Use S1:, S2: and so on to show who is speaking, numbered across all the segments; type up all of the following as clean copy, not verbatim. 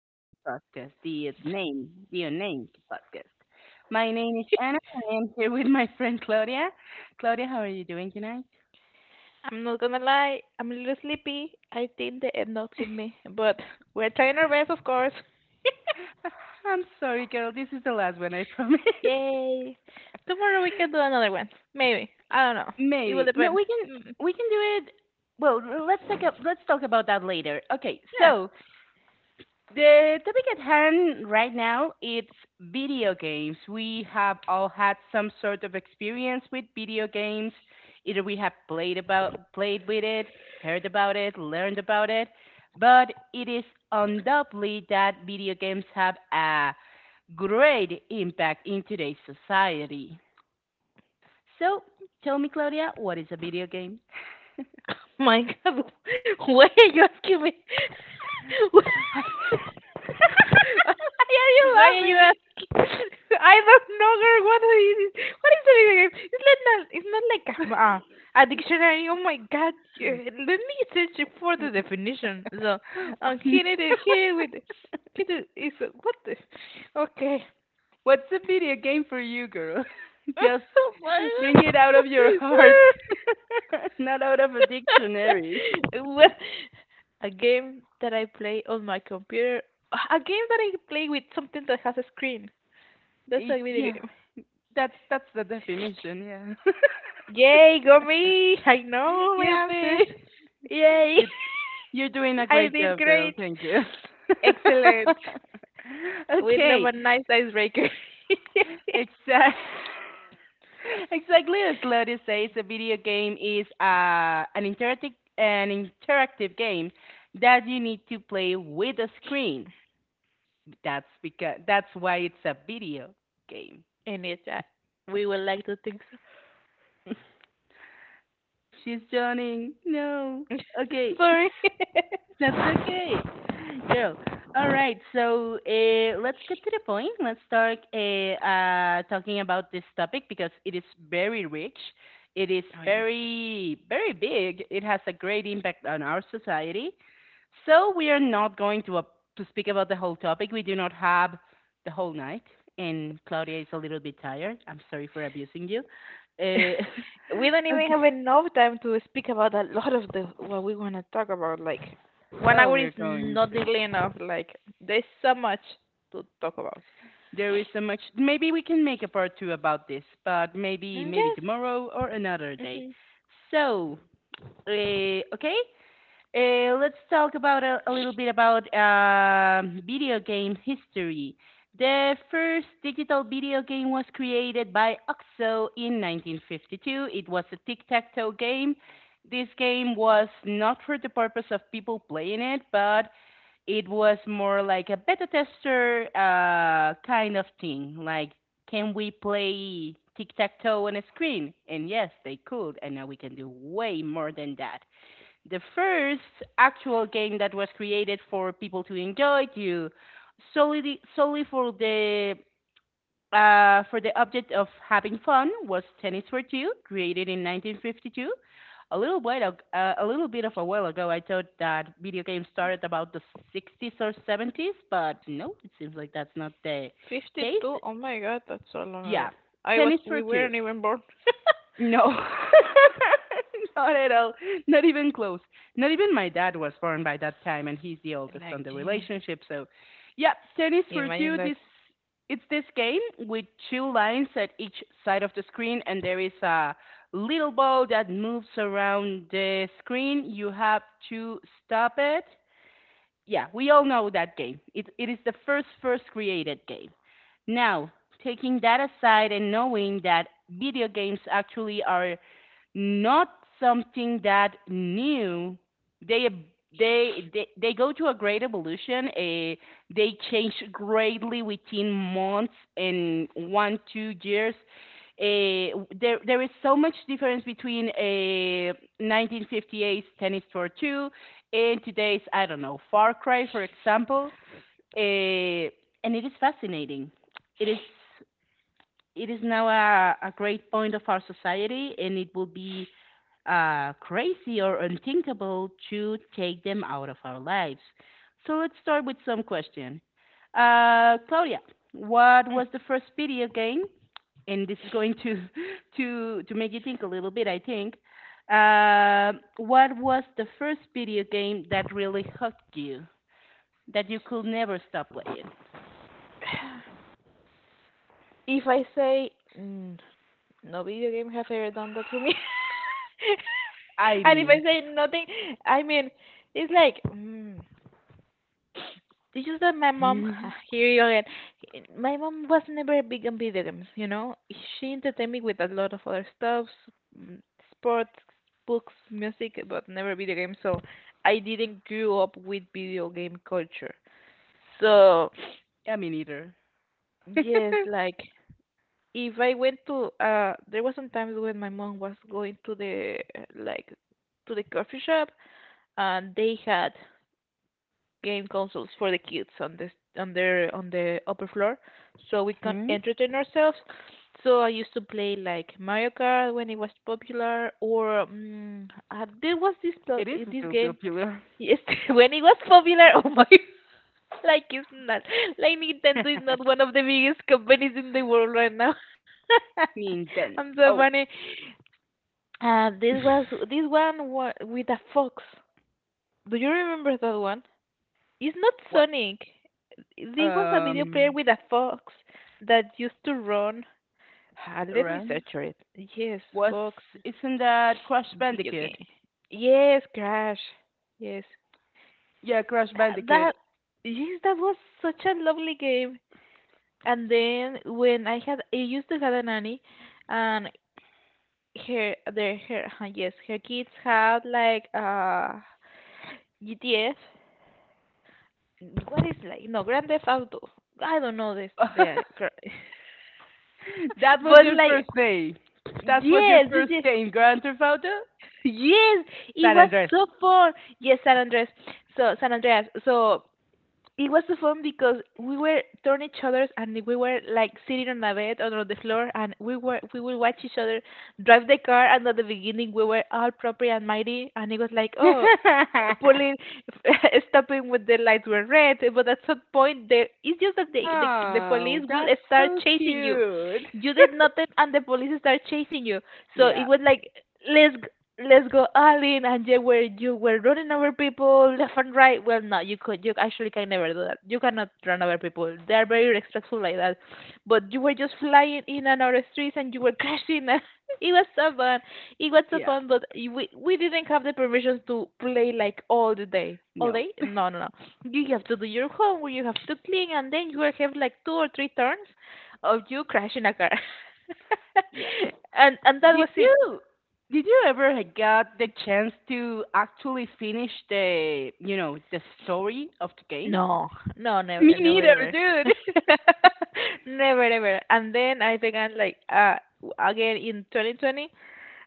S1: favorite podcast, the name, the unnamed podcast. My name is Anna, and I'm here with my friend Claudia. Claudia, how are you doing tonight?
S2: I'm not gonna lie, I'm a little sleepy. I think the end note hit me, but we're trying our best, of course.
S1: I'm sorry, girl. This is the last one. I promise.
S2: Yay! Tomorrow we can do another one. Maybe. I don't know. It will
S1: Maybe. No,
S2: depend.
S1: we can
S2: Mm,
S1: we can do it. Well, let's take up. Let's talk about that later. Okay.
S2: yeah.
S1: So the topic at hand right now it's video games. We have all had some sort of experience with video games. Either we have played with it, heard about it, learned about it, but it is undoubtedly that video games have a great impact in today's society. So, tell me Claudia, what is a video game?
S2: My God, why are you asking me?
S1: Why are you
S2: Why are you
S1: laughing?
S2: asking? I don't know, girl. What is it? What is a video game? It's not like a dictionary. Oh my God! Let me search for the definition. So, here it is. Here it is. What the? Okay.
S1: What's a video game for you, girl? Just
S2: Oh my
S1: bring
S2: God.
S1: it out of your heart, not out of a dictionary.
S2: Well, a game that I play on my computer. A game that I play with something that has a screen. That's
S1: Y-
S2: a video
S1: yeah,
S2: game.
S1: that's the definition. Yeah.
S2: Yay, go me! I know my
S1: Yippee!
S2: answers.
S1: You,
S2: Yay!
S1: you're doing a
S2: I
S1: great
S2: did
S1: job, girl.
S2: great.
S1: Thank you.
S2: Excellent. We love
S1: Okay,
S2: a nice icebreaker.
S1: exactly. Exactly as Claudia says, a video game is an interactive game that you need to play with a screen. That's why it's a video game.
S2: And we would like to think so.
S1: She's joining. No. Okay.
S2: Sorry.
S1: That's okay, girl. All right, so let's get to the point. Let's start talking about this topic because it is very rich. It is
S2: Oh, yes.
S1: very, very big. It has a great impact on our society. So we are not going to speak about the whole topic. We do not have the whole night, and Claudia is a little bit tired. I'm sorry for abusing you. Uh,
S2: We don't even have
S1: okay.
S2: enough time to speak about a lot of the what we want to talk about. Like, one
S1: Oh,
S2: hour
S1: we're
S2: is
S1: going
S2: not
S1: to.
S2: nearly enough. Like, there's so much to talk about.
S1: There is so much. Maybe we can make a part two about this, but maybe
S2: Mm,
S1: maybe
S2: yes.
S1: tomorrow or another day.
S2: hmm
S1: So, okay, let's talk about a little bit about video game history. The first digital video game was created by OXO in 1952. It was a tic-tac-toe game. This game was not for the purpose of people playing it, but it was more like a beta tester kind of thing. Like, can we play tic tac toe on a screen? And yes, they could. And now we can do way more than that. The first actual game that was created for people to enjoy, to solely for the object of having fun was Tennis for Two, created in 1952. A little bit, of, a little bit of a while ago, I thought that video games started about the 60's or 70's, but no, it seems like that's not the case.
S2: 52? Oh my god, that's so long
S1: Yeah,
S2: ago. I was
S1: Tennis for
S2: We
S1: Two.
S2: weren't even born.
S1: No, not at all. Not even close. Not even my dad was born by that time, and he's the oldest on
S2: Like,
S1: the
S2: yeah.
S1: relationship. So, yeah, tennis for
S2: Imagine
S1: two.
S2: that.
S1: This It's this game with two lines at each side of the screen, and there is a little ball that moves around the screen. You have to stop it. Yeah, we all know that game. It is the first created game. Now, taking that aside and knowing that video games actually are not something that new. They they go to a great evolution. They change greatly within months and 1 2 years. There is so much difference between a 1958's Tennis tour Two and today's I don't know Far Cry for example. Uh, and it is fascinating. It is it is now a great point of our society, and it will be crazy or unthinkable to take them out of our lives. So let's start with some question. Claudia, what
S2: Mm.
S1: was the first video game? And this is going to to make you think a little bit, I think. What was the first video game that really hooked you that you could never stop playing?
S2: If I say mm, no video game have ever done that for me.
S1: I
S2: And if
S1: mean,
S2: I say nothing, I mean, it's like mm, it's just that my mom
S1: I
S2: here you again. My mom was never big on video games. She entertained me with a lot of other stuff, mm, sports, books, music, but never video games. So I didn't grow up with video game culture. So,
S1: mean either.
S2: yes, like, if I went to there was some times when my mom was going to the like to the coffee shop, and they had game consoles for the kids on the on their on the upper floor, so we can
S1: Hmm?
S2: entertain ourselves. So I used to play like Mario Kart when it was popular, or there was
S1: It is
S2: this
S1: still
S2: game,
S1: popular.
S2: yes, when it was popular. Oh my, like, it's not like Nintendo is not one of the biggest companies in the world right now. I'm
S1: Nintendo.
S2: so
S1: Oh,
S2: funny. This was this one with a fox. Do you remember that one? It's not
S1: what?
S2: Sonic. There was a video player
S1: um
S2: with a fox that used to run. Ah, let me
S1: Ren
S2: search for it. Yes,
S1: was
S2: fox
S1: isn't that Crash
S2: video
S1: Bandicoot?
S2: game. Yes, Crash. Yes.
S1: Yeah, Crash Bandicoot.
S2: That. Yes, that was such a lovely game. And then when I used to have a nanny, and yes, her kids had like GTF. What is like? No, Grand Theft Auto. I don't know this.
S1: That
S2: The
S1: was
S2: But,
S1: your
S2: like,
S1: first name. That's what your
S2: yes, yes,
S1: first
S2: yes,
S1: game, Grand Theft Auto?
S2: yes, it
S1: San
S2: was
S1: Andres.
S2: so fun. Yes, San Andres. So San Andreas. So it was so fun because we were turning each other's, and we were like sitting on a bed or on the floor, and we would watch each other drive the car. And at the beginning we were all proper and mighty, and it was like, oh, pulling, stopping when the lights were red. But at some point the it's just that the police
S1: Oh,
S2: will
S1: that's
S2: start
S1: so
S2: chasing you.
S1: cute.
S2: You did nothing and the police start chasing you, so it
S1: Yeah,
S2: was like, let's let's go, Alin, and you were running over people left and right. Well, no, you actually can never do that. You cannot run over people. They are very respectful like that. But you were just flying in and out of streets, and you were crashing. It was so fun. It was so
S1: yeah,
S2: fun, but we didn't have the permissions to play like all the day. All
S1: no,
S2: day? No, no, no. You have to do your homework. You have to clean, and then you will have like two or three turns of you crashing a car.
S1: yeah.
S2: And that
S1: Did
S2: was it.
S1: you did you ever got the chance to actually finish the the story of the game?
S2: No, no,
S1: Me
S2: never, never,
S1: neither,
S2: ever.
S1: dude.
S2: Never, ever. And then I began like, again in 2020,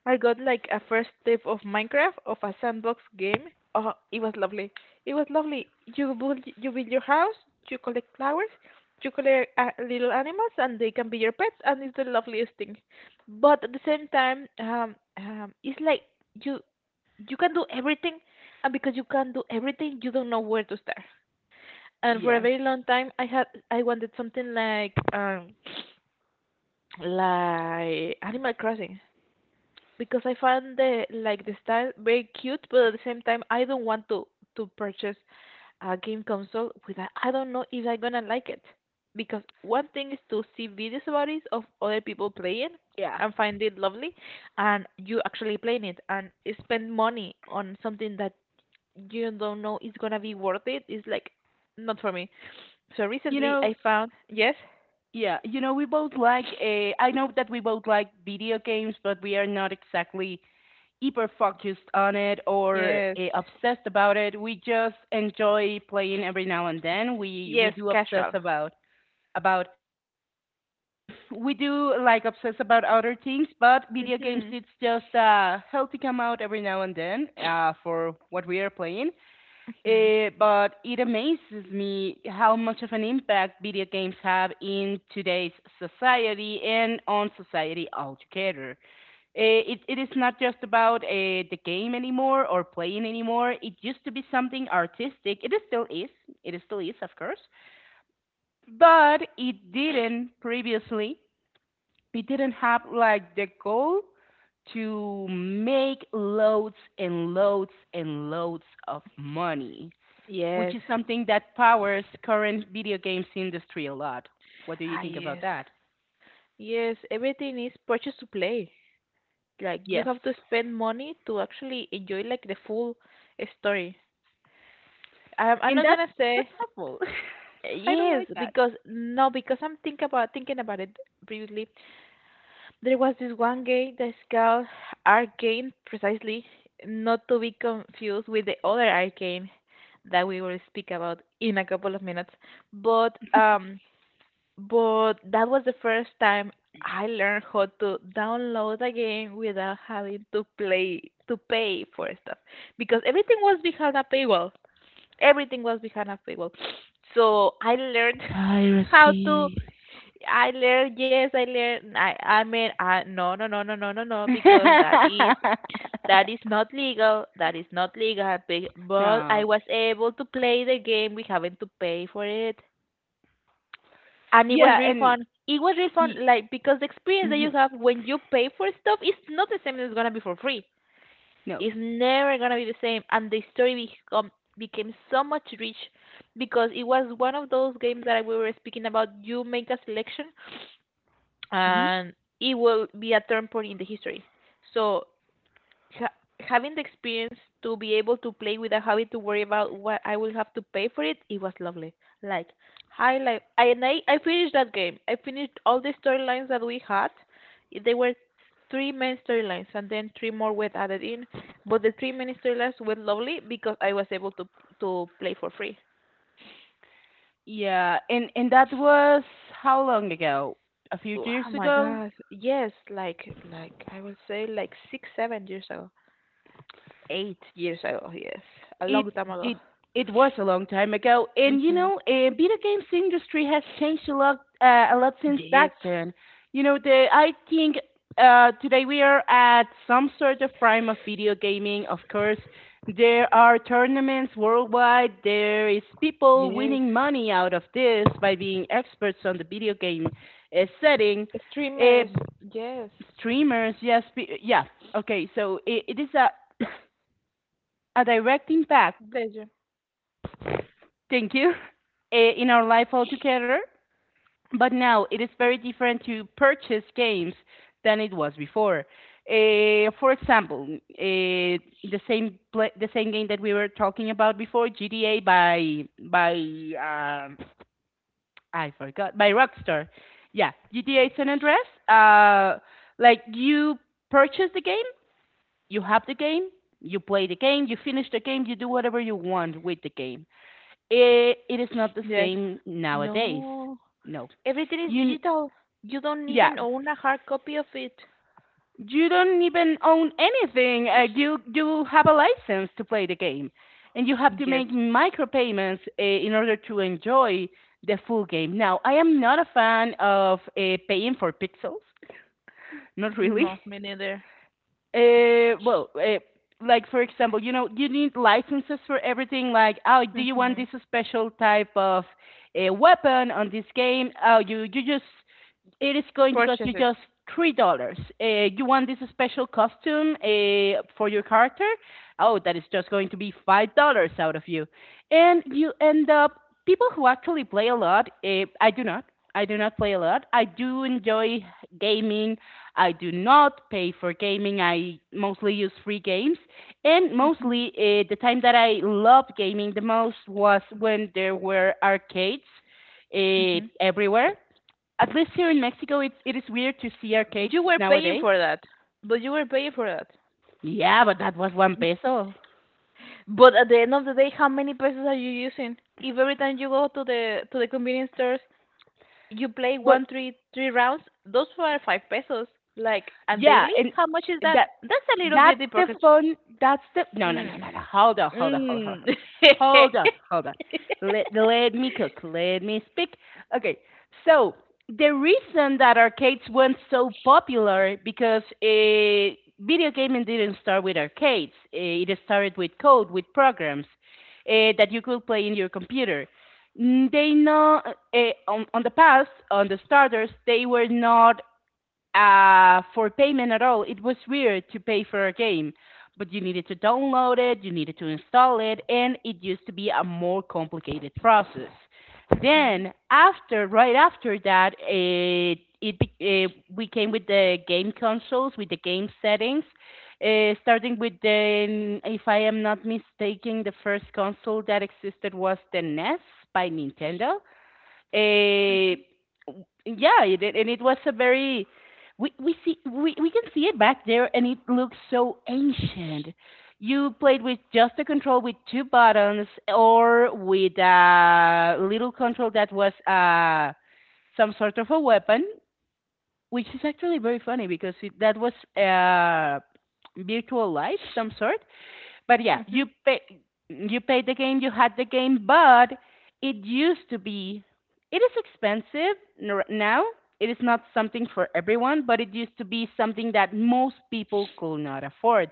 S2: I got like a first tape of Minecraft, of a sandbox game. Oh, it was lovely. It was lovely. You build your house, you collect flowers, you collect little animals, and they can be your pets, and it's the loveliest thing. But at the same time, it's like you you can do everything, and because you can do everything, you don't know where to start. And for a
S1: Yes.
S2: very long time I wanted something like, like, animal crossing, because I found the like the style very cute, but at the same time I don't want to purchase a game console with a, I don't know if I'm gonna like it, because one thing is to see videos about it of other people playing
S1: Yeah.
S2: and find it lovely, and you actually playing it and spend money on something that you don't know it's gonna be worth it. It's like not for me. So
S1: You
S2: recently I
S1: know,
S2: found, yes,
S1: we both like a I know that we both like video games, but we are not exactly hyper focused on it or
S2: yes,
S1: obsessed about it. We just enjoy playing every now and then.
S2: yes, casual.
S1: About we do like obsess about other things, but video games
S2: Mhm,
S1: it's just a healthy come out every now and then for what we are playing.
S2: mhm.
S1: Eh, but it amazes me how much of an impact video games have in today's society and on society altogether. It is not just about the game anymore or playing anymore. It used to be something artistic. It is still is. It is still is, of course. But it didn't previously. It didn't have like the goal to make loads and loads and loads of money which
S2: Yes,
S1: is something that powers current video games industry a lot. What do you
S2: ah,
S1: think about
S2: yes,
S1: that?
S2: yes. Everything is purchase to play. Like, you
S1: Yes.
S2: have to spend money to actually enjoy like the full story. I'm
S1: And
S2: not
S1: that's
S2: gonna say
S1: that's awful. I don't
S2: yes
S1: like that.
S2: because no because I'm think about thinking about it previously. There was this one game, that's called Arcane, precisely, not to be confused with the other Arcane that we will speak about in a couple of minutes. But um, but that was the first time I learned how to download a game without having to pay for stuff, because everything was behind a paywall. Everything was behind a paywall. So I learned how to
S1: Piracy.
S2: I learn. Yes, I learn. I mean, no, no, no, no, no, no, no, because that is that is not legal. That is not legal. But I
S1: No.
S2: was able to play the game. We haven't to pay for it, and it was
S1: Yeah,
S2: real
S1: and
S2: fun. It was real fun,
S1: y-
S2: like, because the experience that you
S1: mhm.
S2: have when you pay for stuff is not the same as it's gonna be for free.
S1: No.
S2: It's never gonna be the same, and the story become became so much rich because it was one of those games that we were speaking about. You make a selection
S1: Hmm?
S2: and it will be a turn point in the history. So ha- having the experience to be able to play without having to worry about what I will have to pay for it, it was lovely. Like, highlight, I finished that game. I finished all the storylines that we had. They were three main storylines and then three more were added in, but the three main storylines were lovely because I was able to play for free.
S1: Yeah, and that was how long ago? A few
S2: Oh
S1: years
S2: my
S1: ago?
S2: gosh, yes, like I would say like 6-7 years ago. 8 years ago, yes. A
S1: it
S2: long time ago.
S1: it it was a long time ago, and you
S2: Hmm.
S1: know, video games industry has changed a lot since
S2: Yes.
S1: back then. You know, the I think today we are at some sort of prime of video gaming. Of course, there are tournaments worldwide. There is people
S2: Yes.
S1: winning money out of this by being experts on the video game setting. Uh,
S2: Streamers, yes.
S1: streamers, yes, yeah. Okay, so it is a a direct impact.
S2: Bless.
S1: Thank you. Eh, in our life altogether, but now it is very different to purchase games than it was before. For example, eh, the same game that we were talking about before, GTA by by um, I forgot, by Rockstar. Yeah, GTA San Andreas. Like you purchase the game, you have the game, you play the game, you finish the game, you do whatever you want with the game. It is not the
S2: Yes.
S1: same nowadays.
S2: No.
S1: No.
S2: Everything is
S1: You n-
S2: digital. You don't
S1: yeah.
S2: even own a hard copy of it.
S1: You don't even own anything. You have a license to play the game, and you have to
S2: Yes.
S1: make micropayments in order to enjoy the full game. Now, I am not a fan of paying for pixels. Not really.
S2: No, me neither.
S1: Well, like for example, you know, you need licenses for everything. Like, oh, do you want
S2: hmm
S1: this special type of a weapon on this game? Oh, you just it is going to cost you
S2: Purchase it.
S1: just $3. You want this special costume for your character? Oh, that is just going to be $5 out of you, and you end up people who actually play a lot. I do not. I do not play a lot. I do enjoy gaming. I do not pay for gaming. I mostly use free games. And
S2: hmm
S1: mostly, the time that I loved gaming the most was when there were arcades
S2: hmm
S1: everywhere. At least here in Mexico, it is weird to see arcades
S2: You were paying
S1: nowadays.
S2: for that. But you were paying for that.
S1: Yeah, but that was one peso.
S2: But at the end of the day, how many pesos are you using? If every time you go to the convenience stores, you play one,
S1: But
S2: three, three rounds. Those were 5 pesos. Like, and
S1: yeah,
S2: daily?
S1: and
S2: How much is that?
S1: that
S2: That's a little bit
S1: that's the
S2: hypocrite.
S1: fun. That's the no, no, no,
S2: Mm.
S1: no, no. Hold on, hold on, hold on, hold on,
S2: Mm.
S1: hold on, hold on. Let me cook. Let me speak. Okay, so the reason that arcades weren't so popular because video gaming didn't start with arcades. It started with code, with programs that you could play in your computer. Mm, they know on the past, on the starters, they were not for payment at all. It was weird to pay for a game, but you needed to download it, you needed to install it, and it used to be a more complicated process. Then after, right after that, we came with the game consoles with the game settings, starting with the if I am not mistaken, the first console that existed was the NES by Nintendo. uh, yeah, and it was a very we can see it back there, and it looks so ancient. You played with just a control with two buttons, or with a little control that was some sort of a weapon, which is actually very funny because that was uh, virtual life, some sort. But yeah,
S2: Hmm. Hmm.
S1: you paid the game, you had the game, but it used to be it is expensive now. It is not something for everyone, but it used to be something that most people could not afford.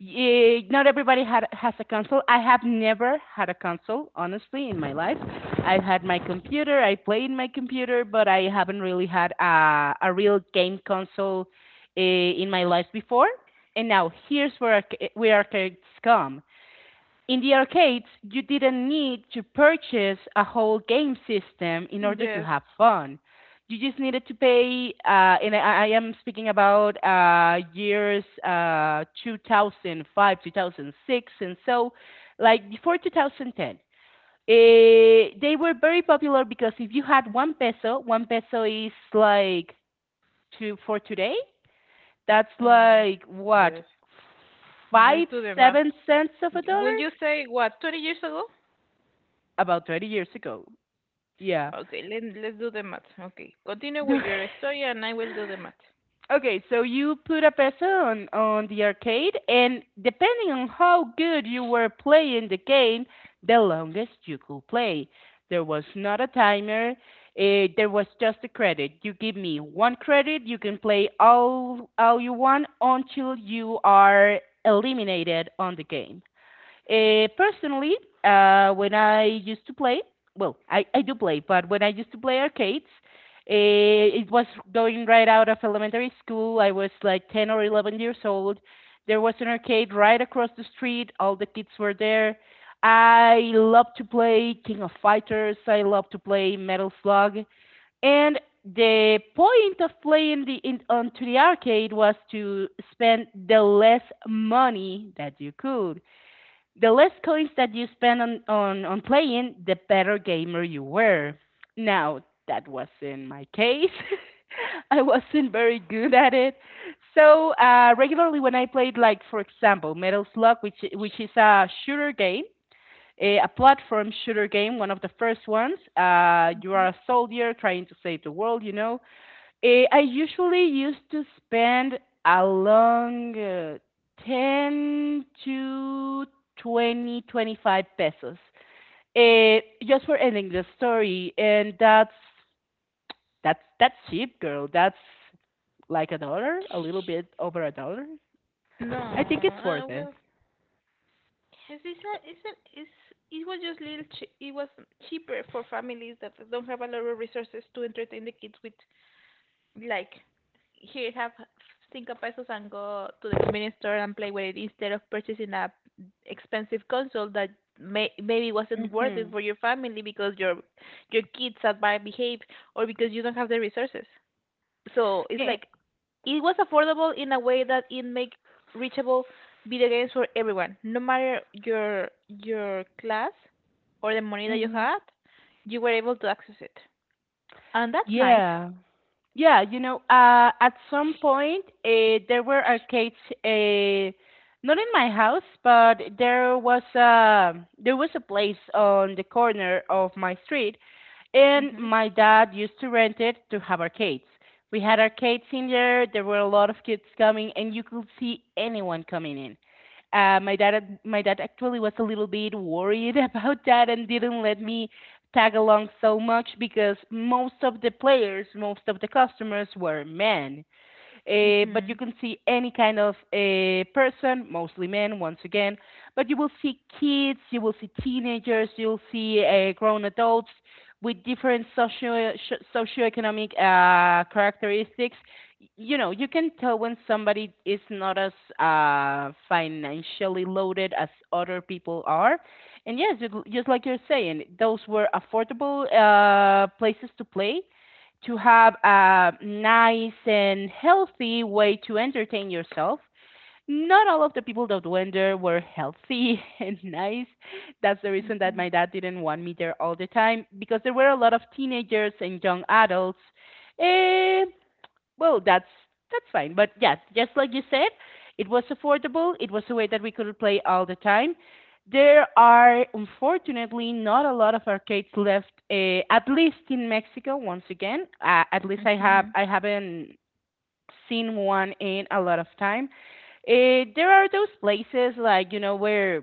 S1: Not everybody has a console. I have never had a console, honestly, in my life. I've had my computer, I play in my computer, but I haven't really had a real game console in my life before. And now here's where arcades come. In the arcades, you didn't need to purchase a whole game system in order to
S2: Yes.
S1: have fun. You just needed to pay, and I am speaking about years, 2005, 2006, and so, like before 2010. They were very popular because if you had one peso is like two for today, that's
S2: Mm.
S1: like what,
S2: Yes.
S1: five
S2: Let's do the math.
S1: seven cents of a
S2: Will
S1: dollar,
S2: you say what, 20 years ago?
S1: about 20 years ago. Yeah.
S2: Okay, let's do the math. Okay. Continue with your story and I will do the math.
S1: Okay, so you put a peso on the arcade, and depending on how good you were playing the game, the longest you could play. There was not a timer. There was just a credit. You give me one credit, you can play all you want until you are eliminated on the game. Personally, when I used to play, well, I do play, but when I used to play arcades, it was going right out of elementary school. I was like 10 or 11 years old. There was an arcade right across the street. All the kids were there. I loved to play King of Fighters. I loved to play Metal Slug. And the point of playing onto the arcade was to spend the less money that you could. The less coins that you spend on playing, the better gamer you were. Now, that wasn't my case. I wasn't very good at it. So regularly, when I played, like for example, Metal Slug, which is a shooter game, a platform shooter game, one of the first ones. You are a soldier trying to save the world, you know. I usually used to spend a long, 10 to 20 25 pesos, eh, just for an English story. And that's cheap, girl. That's like a dollar, a little bit over a dollar.
S2: No,
S1: I think it's worth it.
S2: well, yes, it's, it was just little che- it was cheaper for families that don't have a lot of resources to entertain the kids with, like, here have cinco pesos and go to the convenience store and play with it, instead of purchasing a expensive console that maybe wasn't worth it
S1: Mm-hmm.
S2: for your family because your kids are bad behave, or because you don't have the resources. So it's like it was affordable in a way that it made reachable video games for everyone, no matter your class or the money that you
S1: Mm-hmm.
S2: had, you were able to access it, and that's nice.
S1: Yeah. Yeah, you know, at some point there were arcades, uh, not in my house, but there was a place on the corner of my street, and
S2: Mhm.
S1: my dad used to rent it to have arcades. We had arcades in there. There were a lot of kids coming, and you could see anyone coming in. My dad actually was a little bit worried about that and didn't let me tag along so much because most of the players, most of the customers were men. But you
S2: Mhm.
S1: can see any kind of person, mostly men, once again. But you will see kids, you will see teenagers, you'll see grown adults with different socioeconomic characteristics. You know, you can tell when somebody is not as financially loaded as other people are. And yes, just like you're saying, those were affordable places to play, to have a nice and healthy way to entertain yourself. Not all of the people that went there were healthy and nice. That's the reason that my
S2: Mhm.
S1: dad didn't want me there all the time because there were a lot of teenagers and young adults. Eh, well, that's that's fine. But yes, just like you said, it was affordable. It was a way that we could play all the time. There are unfortunately not a lot of arcades left, at least in Mexico. Once again, at least
S2: Mhm.
S1: I haven't seen one in a lot of time. There are those places like you know where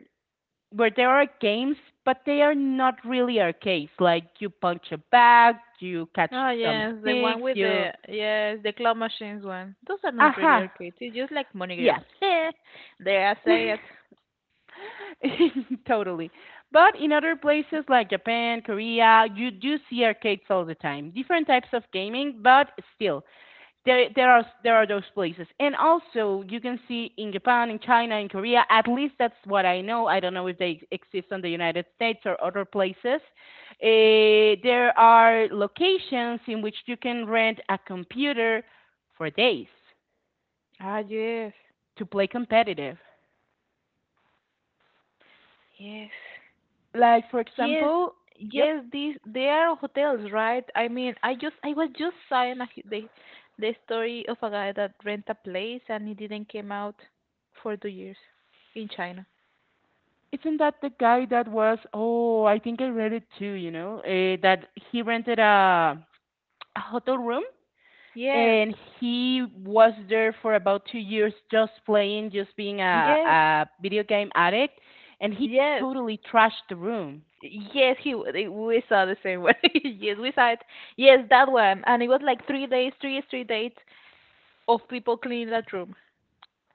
S1: there are games, but they are not really arcades. Like you punch a bag, you catch
S2: Oh,
S1: some
S2: yes, the one
S1: sticks,
S2: with
S1: you
S2: the yes, the claw machines one. Those are not
S1: aha
S2: really arcades. It's just like money grab.
S1: yes
S2: Yeah, there I say it.
S1: totally. But in other places like Japan, Korea, you do see arcades all the time. Different types of gaming, but still there are those places. And also you can see in Japan, in China, in Korea, at least that's what I know. I don't know if they exist on the United States or other places. There are locations in which you can rent a computer for days
S2: Ah, yes,
S1: to play competitive.
S2: yes.
S1: Like for
S2: Yes,
S1: example, yep.
S2: yes, these they are hotels, right? I mean, I was just saying a, the story of a guy that rent a place and it didn't came out for 2 years in China.
S1: Isn't that the guy that was? Oh, I think I read it too. You know, that he rented a hotel room
S2: Yes,
S1: and he was there for about 2 years, just playing, just being
S2: yes,
S1: a video game addict, and he
S2: yes,
S1: totally trashed the room.
S2: yes. We saw the same one. Yes, we saw it. Yes, that one, and it was like three straight days of people cleaning that room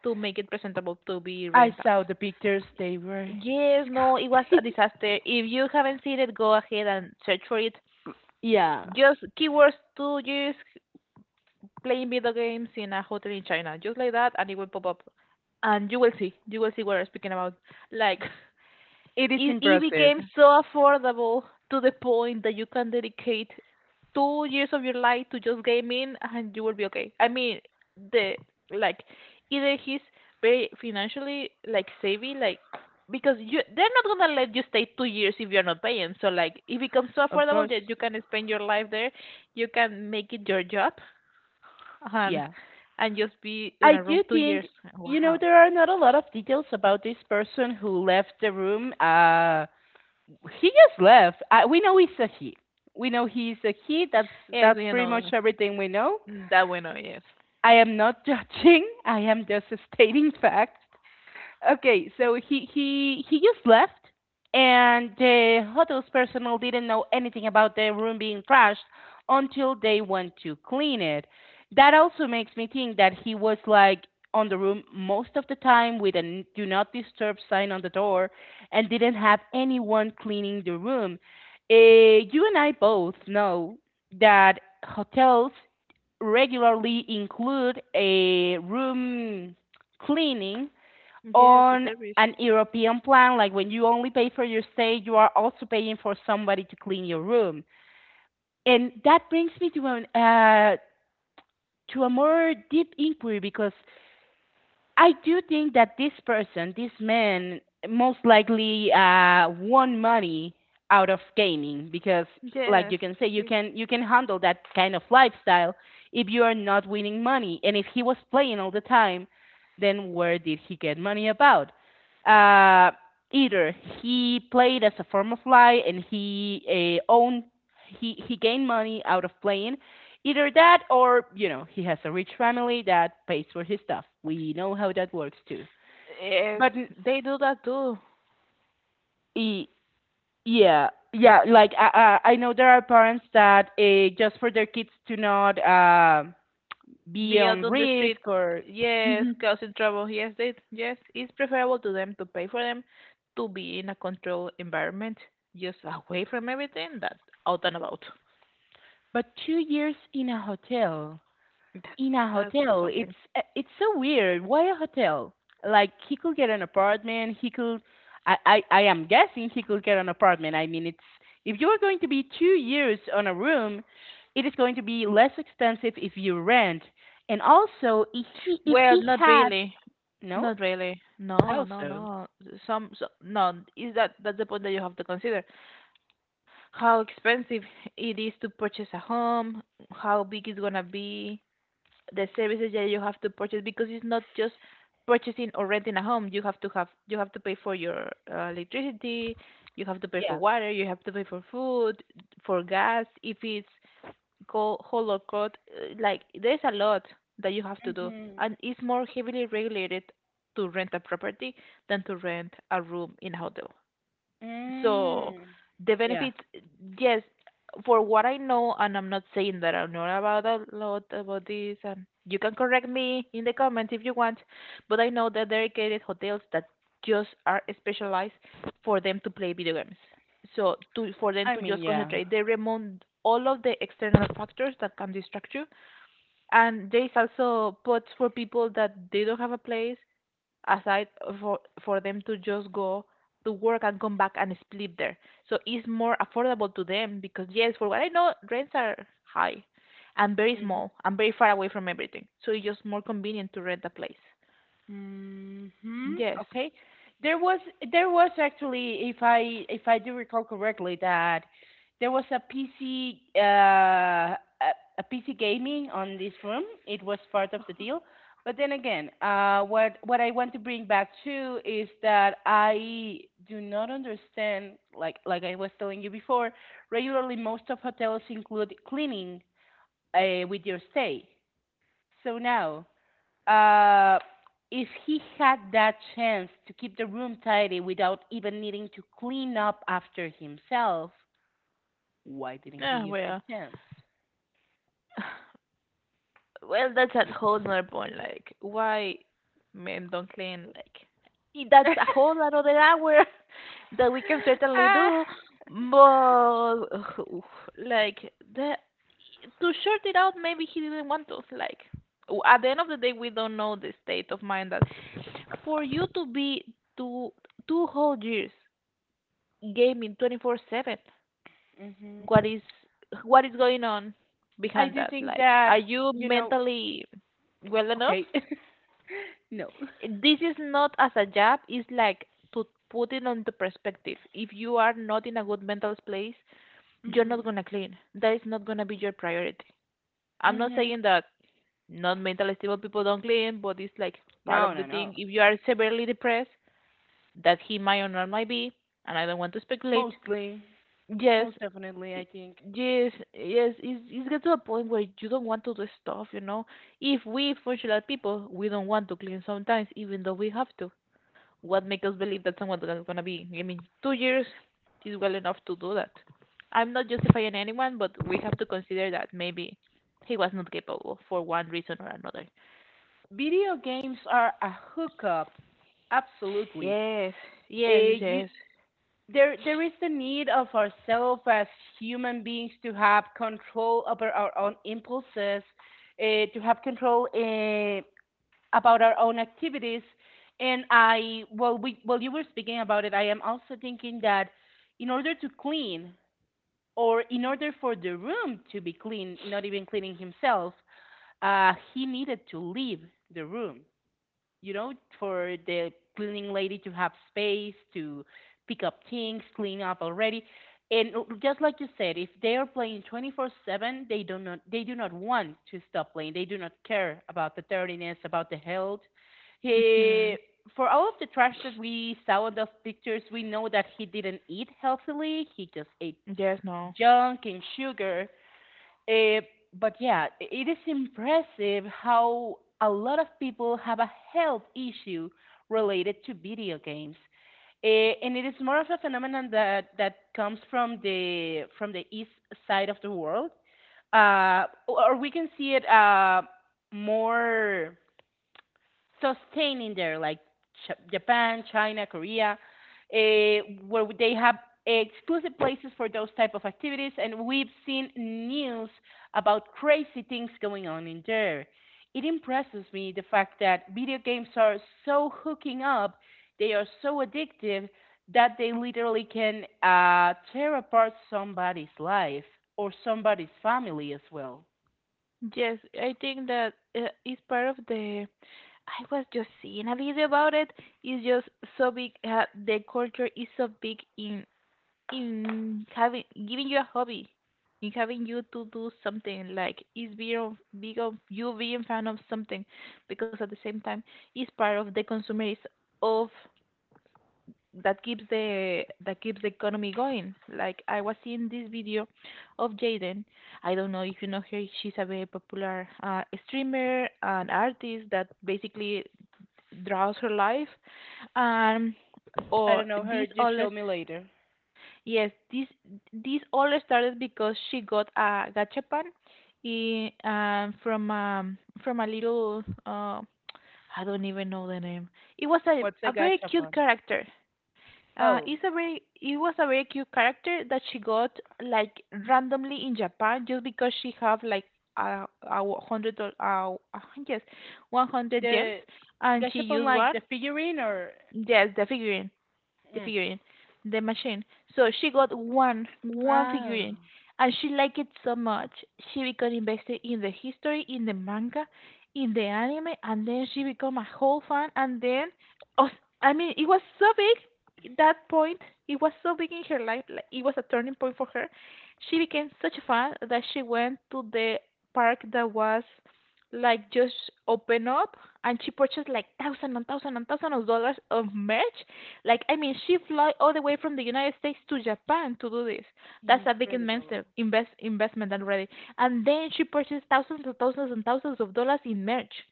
S2: to make it presentable to be
S1: I
S2: rent
S1: saw
S2: out.
S1: the pictures; they were.
S2: Yes, no, it was a disaster. If you haven't seen it, go ahead and search for it.
S1: Yeah,
S2: Just keywords to just playing video games in a hotel in China, just like that, and it will pop up, and you will see what I'm speaking about. Like
S1: it is
S2: it
S1: impressive,
S2: became so affordable to the point that you can dedicate 2 years of your life to just gaming and you will be okay. I mean, the like either he's very financially like savvy, like because you they're not gonna let you stay 2 years if you're not paying. So like it becomes so
S1: of
S2: affordable
S1: course.
S2: that you can spend your life there, you can make it your job and
S1: Yeah,
S2: and just be in
S1: I
S2: a room
S1: do
S2: 2 years.
S1: think, you know,
S2: Wow.
S1: there are not a lot of details about this person who left the room. He just left. We know he's a he. We know he's a he. That's
S2: Yes,
S1: that's
S2: we
S1: pretty
S2: know
S1: much
S2: that.
S1: everything we know.
S2: Mm, that we know, yes.
S1: I am not judging. I am just stating facts. Okay, so he just left, and the hotel's personnel didn't know anything about the room being trashed until they went to clean it. That also makes me think that he was like on the room most of the time with a do not disturb sign on the door and didn't have anyone cleaning the room. You and I both know that hotels regularly include a room cleaning
S2: Yes, the
S1: on
S2: service.
S1: an European plan, like when you only pay for your stay, you are also paying for somebody to clean your room. And that brings me to an to a more deep inquiry because I do think that this person, this man, most likely won money out of gaming because, like
S2: Yes,
S1: you can say,
S2: yes,
S1: you can handle that kind of lifestyle if you are not winning money. And if he was playing all the time, then where did he get money about? Uh, either he played as a form of life and he owned he gained money out of playing. Either that or, you know, he has a rich family that pays for his stuff. We know how that works too.
S2: yes,
S1: But
S2: they do that too.
S1: y- yeah, yeah, like I know there are parents that just for their kids to not be
S2: Be out
S1: on
S2: on the street,
S1: risk or.
S2: yes, causing trouble. Yes, they, yes, it's preferable to them to pay for them to be in a controlled environment, just away from everything that out and about.
S1: But 2 years in a hotel.
S2: That's
S1: In a
S2: that's
S1: hotel.
S2: something.
S1: It's so weird. Why a hotel? Like he could get an apartment. He could. I am guessing he could get an apartment. I mean, it's if you are going to be 2 years on a room, it is going to be less expensive if you rent. And also, if he
S2: Well, not
S1: had
S2: really,
S1: no,
S2: not really. No, no,
S1: also
S2: no. Some, so, no. Is that that's the point that you have to consider? How expensive it is to purchase a home? How big it's gonna be? The services that you have to purchase because it's not just purchasing or renting a home. You have to have you have to pay for your electricity, you have to pay for
S1: yeah,
S2: water, you have to pay for food, for gas. If it's cold, whole or cold, like there's a lot that you have to do,
S1: hmm
S2: and it's more heavily regulated to rent a property than to rent a room in a hotel. So
S1: mm,
S2: the
S1: yeah.
S2: benefits, yes, for what I know, and I'm not saying that I know about a lot about this, and you can correct me in the comments if you want, but I know that there are dedicated hotels that just are specialized for them to play video games. So to for them
S1: I
S2: to
S1: mean,
S2: just
S1: yeah.
S2: concentrate, they remove all of the external factors that can distract you. And there is also pods for people that they don't have a place aside for them to just go to work and come back and sleep there. So it's more affordable to them because yes, for what I know, rents are high and very small and very far away from everything. So it's just more convenient to rent a place.
S1: Mhm.
S2: Yes.
S1: Okay. There was there was actually, if I do recall correctly, that there was a PC, a, PC gaming on this room. It was part of the deal. But then again, what I want to bring back to is that I do not understand, like I was telling you before, regularly most of hotels include cleaning with your stay. So now. Uh, if he had that chance to keep the room tidy without even needing to clean up after himself, why didn't he
S2: Ah,
S1: use this
S2: well.
S1: chance?
S2: Well, that's a whole nother point. Like, why men don't clean? Like, that's a whole another hour that we can certainly
S1: Uh,
S2: do. But like the to short it out, maybe he didn't want us. Like, at the end of the day, we don't know the state of mind that for you to be to 2 whole years gaming 24/7.
S1: hmm.
S2: What is what is going on
S1: I
S2: behind
S1: do
S2: that?
S1: think
S2: Like, are
S1: that,
S2: you
S1: you know,
S2: mentally well enough?
S1: okay, no.
S2: This is not as a job. It's like to put it into perspective. If you are not in a good mental place, you're not
S1: Mhm.
S2: gonna clean. That is not gonna be your priority. I'm not
S1: Hmm.
S2: saying that not mentally stable people don't clean, but it's like part
S1: No,
S2: of the
S1: no, no.
S2: thing. If you are severely depressed, that he might or not might be, and I don't want to speculate.
S1: Mostly,
S2: Yes,
S1: most definitely, I
S2: y-
S1: think.
S2: yes, yes, it's get to a point where you don't want to do stuff, you know. If we functional people, we don't want to clean sometimes, even though we have to. What make us believe that someone's gonna gonna be? I mean, 2 years is well enough to do that. I'm not justifying anyone, but we have to consider that maybe he was not capable for one reason or another.
S1: Video games are a hookup. Absolutely.
S2: Yes, yes,
S1: Uh, you
S2: yes.
S1: there there is the need of ourselves as human beings to have control over our own impulses, to have control about our own activities. And we, while you were speaking about it, I am also thinking that in order to clean, or in order for the room to be clean, not even cleaning himself, he needed to leave the room, you know, for the cleaning lady to have space to pick up things, clean up already. And just like you said, if they are playing 24/7, they do not want to stop playing. They do not care about the dirtiness, about the health. He
S2: Mhm.
S1: for all of the trash that we saw in those pictures, we know that he didn't eat healthily. He just ate
S2: Yes, no.
S1: junk and sugar. Uh, but yeah, it is impressive how a lot of people have a health issue related to video games. And it is more of a phenomenon that comes from the east side of the world, or we can see it more sustaining there, like Japan, China, Korea, eh, where they have exclusive places for those type of activities, and we've seen news about crazy things going on in there. It impresses me the fact that video games are so hooking up, they are so addictive that they literally can tear apart somebody's life or somebody's family as well.
S2: Yes, I think that it's part of the I was just seeing a video about it. It's just so big. The culture is so big in having giving you a hobby, in having you to do something. Like it's being of, big of you being fan of something, because at the same time, it's part of the consumerism of that keeps the economy going. Like I was seeing this video of Jaden. I don't know if you know her. She's a very popular streamer and artist that basically throughout her life um
S1: I
S2: or
S1: don't know, her.
S2: this
S1: You
S2: all
S1: show
S2: is
S1: me later.
S2: yes this all started because she got a gachapan in from a little I don't even know the name. It was
S1: What's a
S2: a very cute
S1: gachapon?
S2: character.
S1: Oh.
S2: It was a very cute character that she got like randomly in Japan just because she have like a hundred or yes 100 gems
S1: The
S2: and she
S1: gashapon
S2: used
S1: like
S2: one.
S1: the figurine or
S2: Yes, the
S1: mm.
S2: figurine, the machine. So she got one
S1: Ah.
S2: figurine, and she liked it so much. She became invested in the history, in the manga, in the anime, and then she became a whole fan. And then, oh, I mean, it was so big. That point, it was so big in her life. Like it was a turning point for her. She became such a fan that she went to the park that was like just open up and she purchased like thousand and thousand and thousand of dollars of merch like, I mean, she fly all the way from the United States to Japan to do this. That's a big
S1: Incredible.
S2: investment already. And then she purchased thousands and thousands and thousands of dollars in merch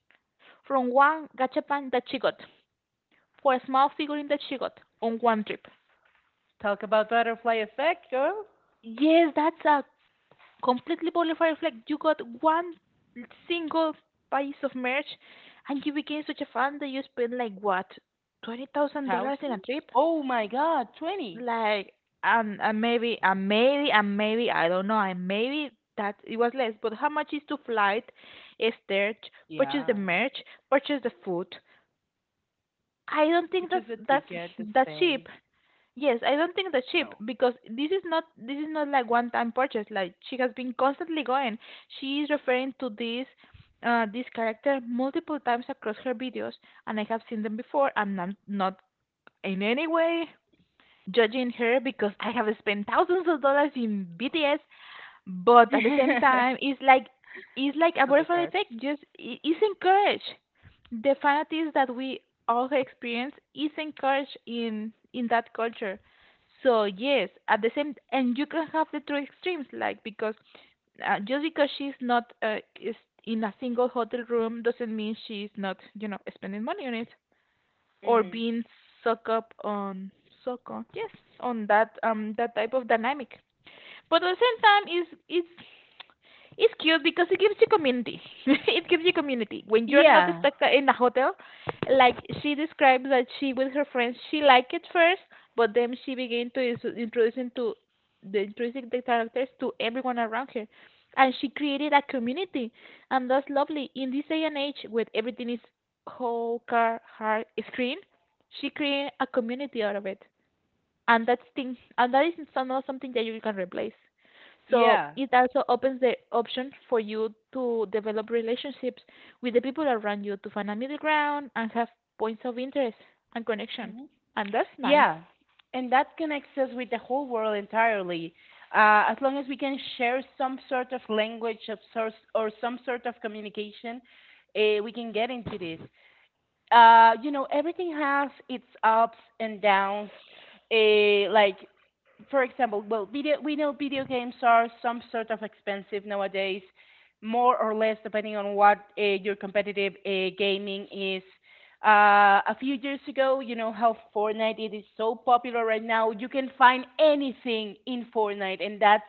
S2: from one gachapan that she got, for a small figurine that she got on one trip.
S1: Talk about butterfly effect, girl.
S2: Yes, that's a completely bonfire flag. You got one single piece of merch, and you became such a fan that you spent like what, $20,000 in a
S1: Thousands?
S2: trip?
S1: Oh my god, 20.
S2: Like and maybe I don't know and maybe that it was less but how much is to flight is there purchase the
S1: Yeah.
S2: merch purchase the food I don't think
S1: Which is
S2: that's
S1: the ticket, the
S2: that cheap
S1: stay,
S2: yes I don't think that's cheap because this is not like one time purchase like she has been constantly going she is referring to this this character multiple times across her videos and I have seen them before I'm not in any way judging her because I have spent thousands of dollars in BTS, but at the same
S1: for
S2: time, it's like a butterfly
S1: Photocard.
S2: effect. It's encouraged. The fanatics that we all experience is encouraged in that culture. So yes, at the same, and you can have the two extremes, like because just because she's not is in a single hotel room doesn't mean she's not you know spending money on it or
S1: Hmm.
S2: being suck up on suck on yes on that that type of dynamic but at the same time is it's cute because it gives you community. It gives you community. When you're not
S1: Yeah,
S2: stuck in a hotel, like she describes that she with her friends, she liked it first, but then she began to introducing the characters to everyone around her, and she created a community, and that's lovely. In this day and age, where everything is whole car hard screen, she created a community out of it and that's thing and that is not something that you can replace so
S1: yeah,
S2: it also opens the option for you to develop relationships with the people around you to find a middle ground and have points of interest and connection
S1: hmm,
S2: and that's nice.
S1: yeah. And that connects us with the whole world entirely. As long as we can share some sort of language of source or some sort of communication, we can get into this. Everything has its ups and downs. Eh, like, for example, well, we know video games are some sort of expensive nowadays, more or less depending on what your competitive gaming is. A few years ago, you know how Fortnite it is so popular right now. You can find anything in Fortnite, and that's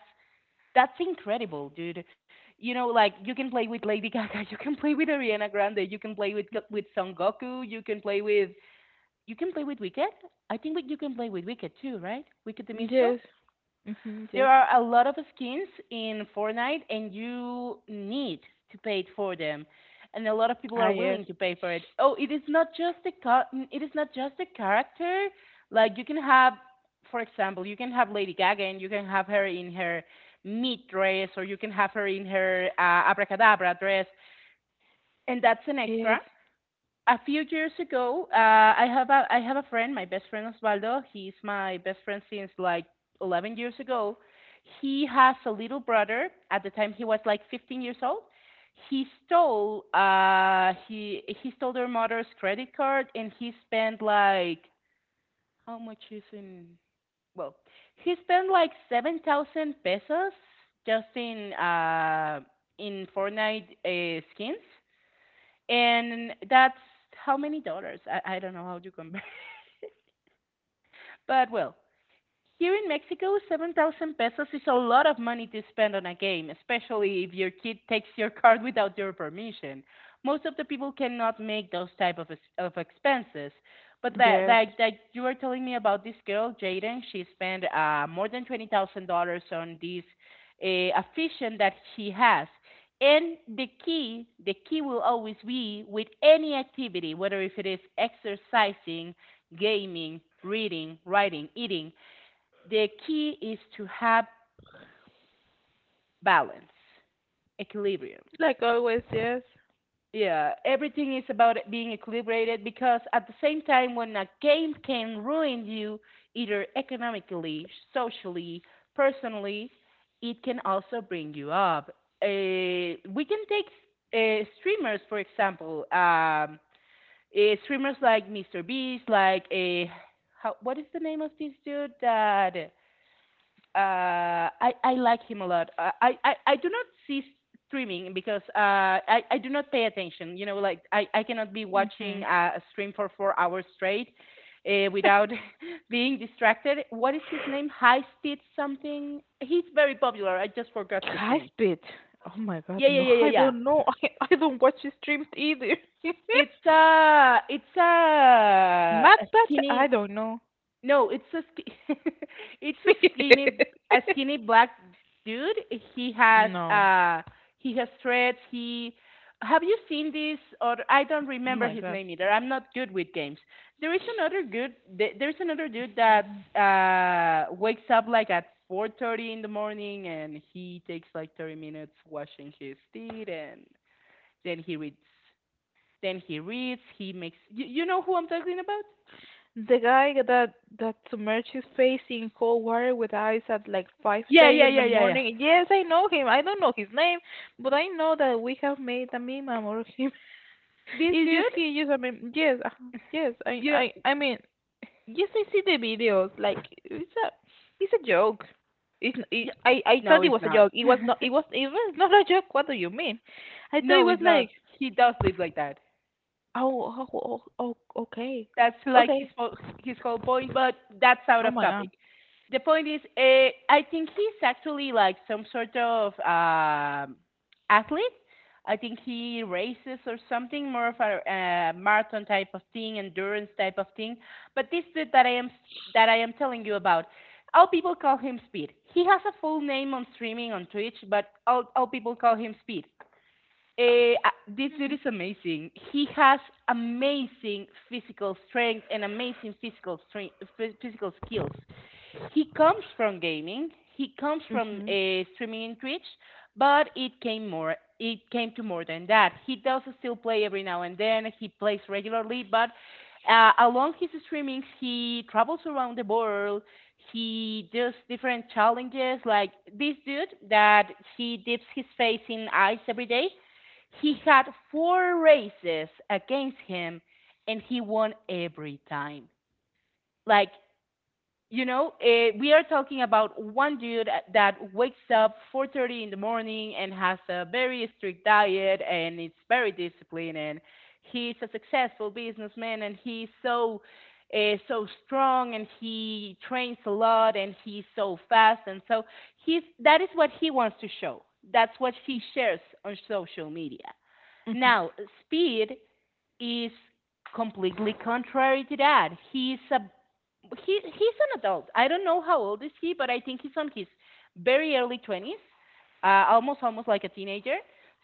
S1: that's incredible, dude. You know, like you can play with Lady Gaga, you can play with Ariana Grande, you can play with Go-
S2: Hmm
S1: with Son Goku, you can play with Wicked. I think we, you can play with Wicked too, right? Wicked the musical.
S2: yes. Hmm
S1: There
S2: yes.
S1: are a lot of skins in Fortnite, and you need to pay for them, and a lot of people
S2: Ah
S1: are
S2: yes,
S1: willing to pay for it. Oh, it is not just the it is not just the character. Like you can have, for example, you can have Lady Gaga, and you can have her in her meat dress, or you can have her in her abracadabra dress, and that's an extra
S2: yes,
S1: a few years ago. I have a friend, my best friend Osvaldo. He's my best friend since like 11 years ago. He has a little brother. At the time, he was like 15 years old. He stole he stole their mother's credit card and he spent like how much is in, well, he spent like 7,000 pesos just in in Fortnite skins, and that's how many dollars? I don't know how to compare, but well, here in Mexico, 7,000 pesos is a lot of money to spend on a game, especially if your kid takes your card without your permission. Most of the people cannot make those type of, expenses. But that,
S2: yes.
S1: that that you were telling me about this girl, Jaden, she spent more than $20,000 on this affection that she has. And the key will always be with any activity, whether if it is exercising, gaming, reading, writing, eating, the key is to have balance, equilibrium.
S2: Like always, yes.
S1: Yeah, everything is about being equilibrated because at the same time, when a game can ruin you, either economically, socially, personally, it can also bring you up. We can take streamers, for example, streamers like Mr. Beast, like a how, what is the name of this dude that I like him a lot. I do not see streaming because I do not pay attention. You know, like I cannot be watching
S2: Hmm.
S1: a stream for 4 hours straight. Without being distracted. What is his name? High Speed something. He's very popular. I just forgot his
S2: High
S1: name.
S2: speed. Oh my god,
S1: Yeah, yeah,
S2: no,
S1: yeah, yeah,
S2: I
S1: yeah.
S2: don't know. I don't watch streams either.
S1: It's a
S2: Mad Macbeth, I
S1: skinny.
S2: don't know.
S1: No, it's a it's a skinny, a skinny black dude. He has
S2: No.
S1: uh he has threads. He, have you seen this? Or I
S2: Oh
S1: don't remember
S2: my
S1: his
S2: God.
S1: name either. I'm not good with games. There is another good there's another dude that wakes up like at 4:30 in the morning and he takes like 30 minutes washing his teeth and then he reads, he makes you, you know who I'm talking about?
S2: The guy that that submerged his face in cold water with eyes at like
S1: Yeah,
S2: 5:30
S1: yeah,
S2: in the
S1: yeah, yeah, yeah.
S2: morning. Yes, I know him. I don't know his name, but I know that we have made a meme about him.
S1: This
S2: It's just
S1: dude,
S2: he, just a meme. Yes, yes.
S1: you know,
S2: I mean, yes, I see the videos. Like it's a joke. It's, n- it,
S1: yeah.
S2: I
S1: No,
S2: thought it
S1: he's
S2: was a
S1: not.
S2: joke. It was not. It was. It was not a joke. What do you mean? I thought it
S1: No,
S2: was
S1: he's not.
S2: like.
S1: He does live like that.
S2: Oh, okay.
S1: That's like
S2: Okay.
S1: his whole point, but that's out
S2: Oh
S1: of
S2: my God.
S1: topic. The point is, I think he's actually like some sort of athlete. I think he races or something, more of a marathon type of thing, endurance type of thing. But this dude that I am telling you about, all people call him Speed. He has a full name on streaming on Twitch, but all people call him Speed. This dude
S2: Mm.
S1: is amazing. He has amazing physical strength, physical skills. He comes from gaming. He comes from
S2: Mhm.
S1: streaming in Twitch, but it came more. It came to more than that. He does still play every now and then. He plays regularly, but along his streamings, he travels around the world. He does different challenges, like this dude that he dips his face in ice every day. He had four races against him, and he won every time. Like you know, we are talking about one dude that wakes up 4:30 in the morning and has a very strict diet and is very disciplined and he's a successful businessman and he's so so strong and he trains a lot and he's so fast and so he's, that is what he wants to show. That's what he shares on social media.
S2: Mhm.
S1: Now, speed is completely contrary to that. He's a he's an adult. I don't know how old is he, but I think he's on his very early 20s, almost like a teenager.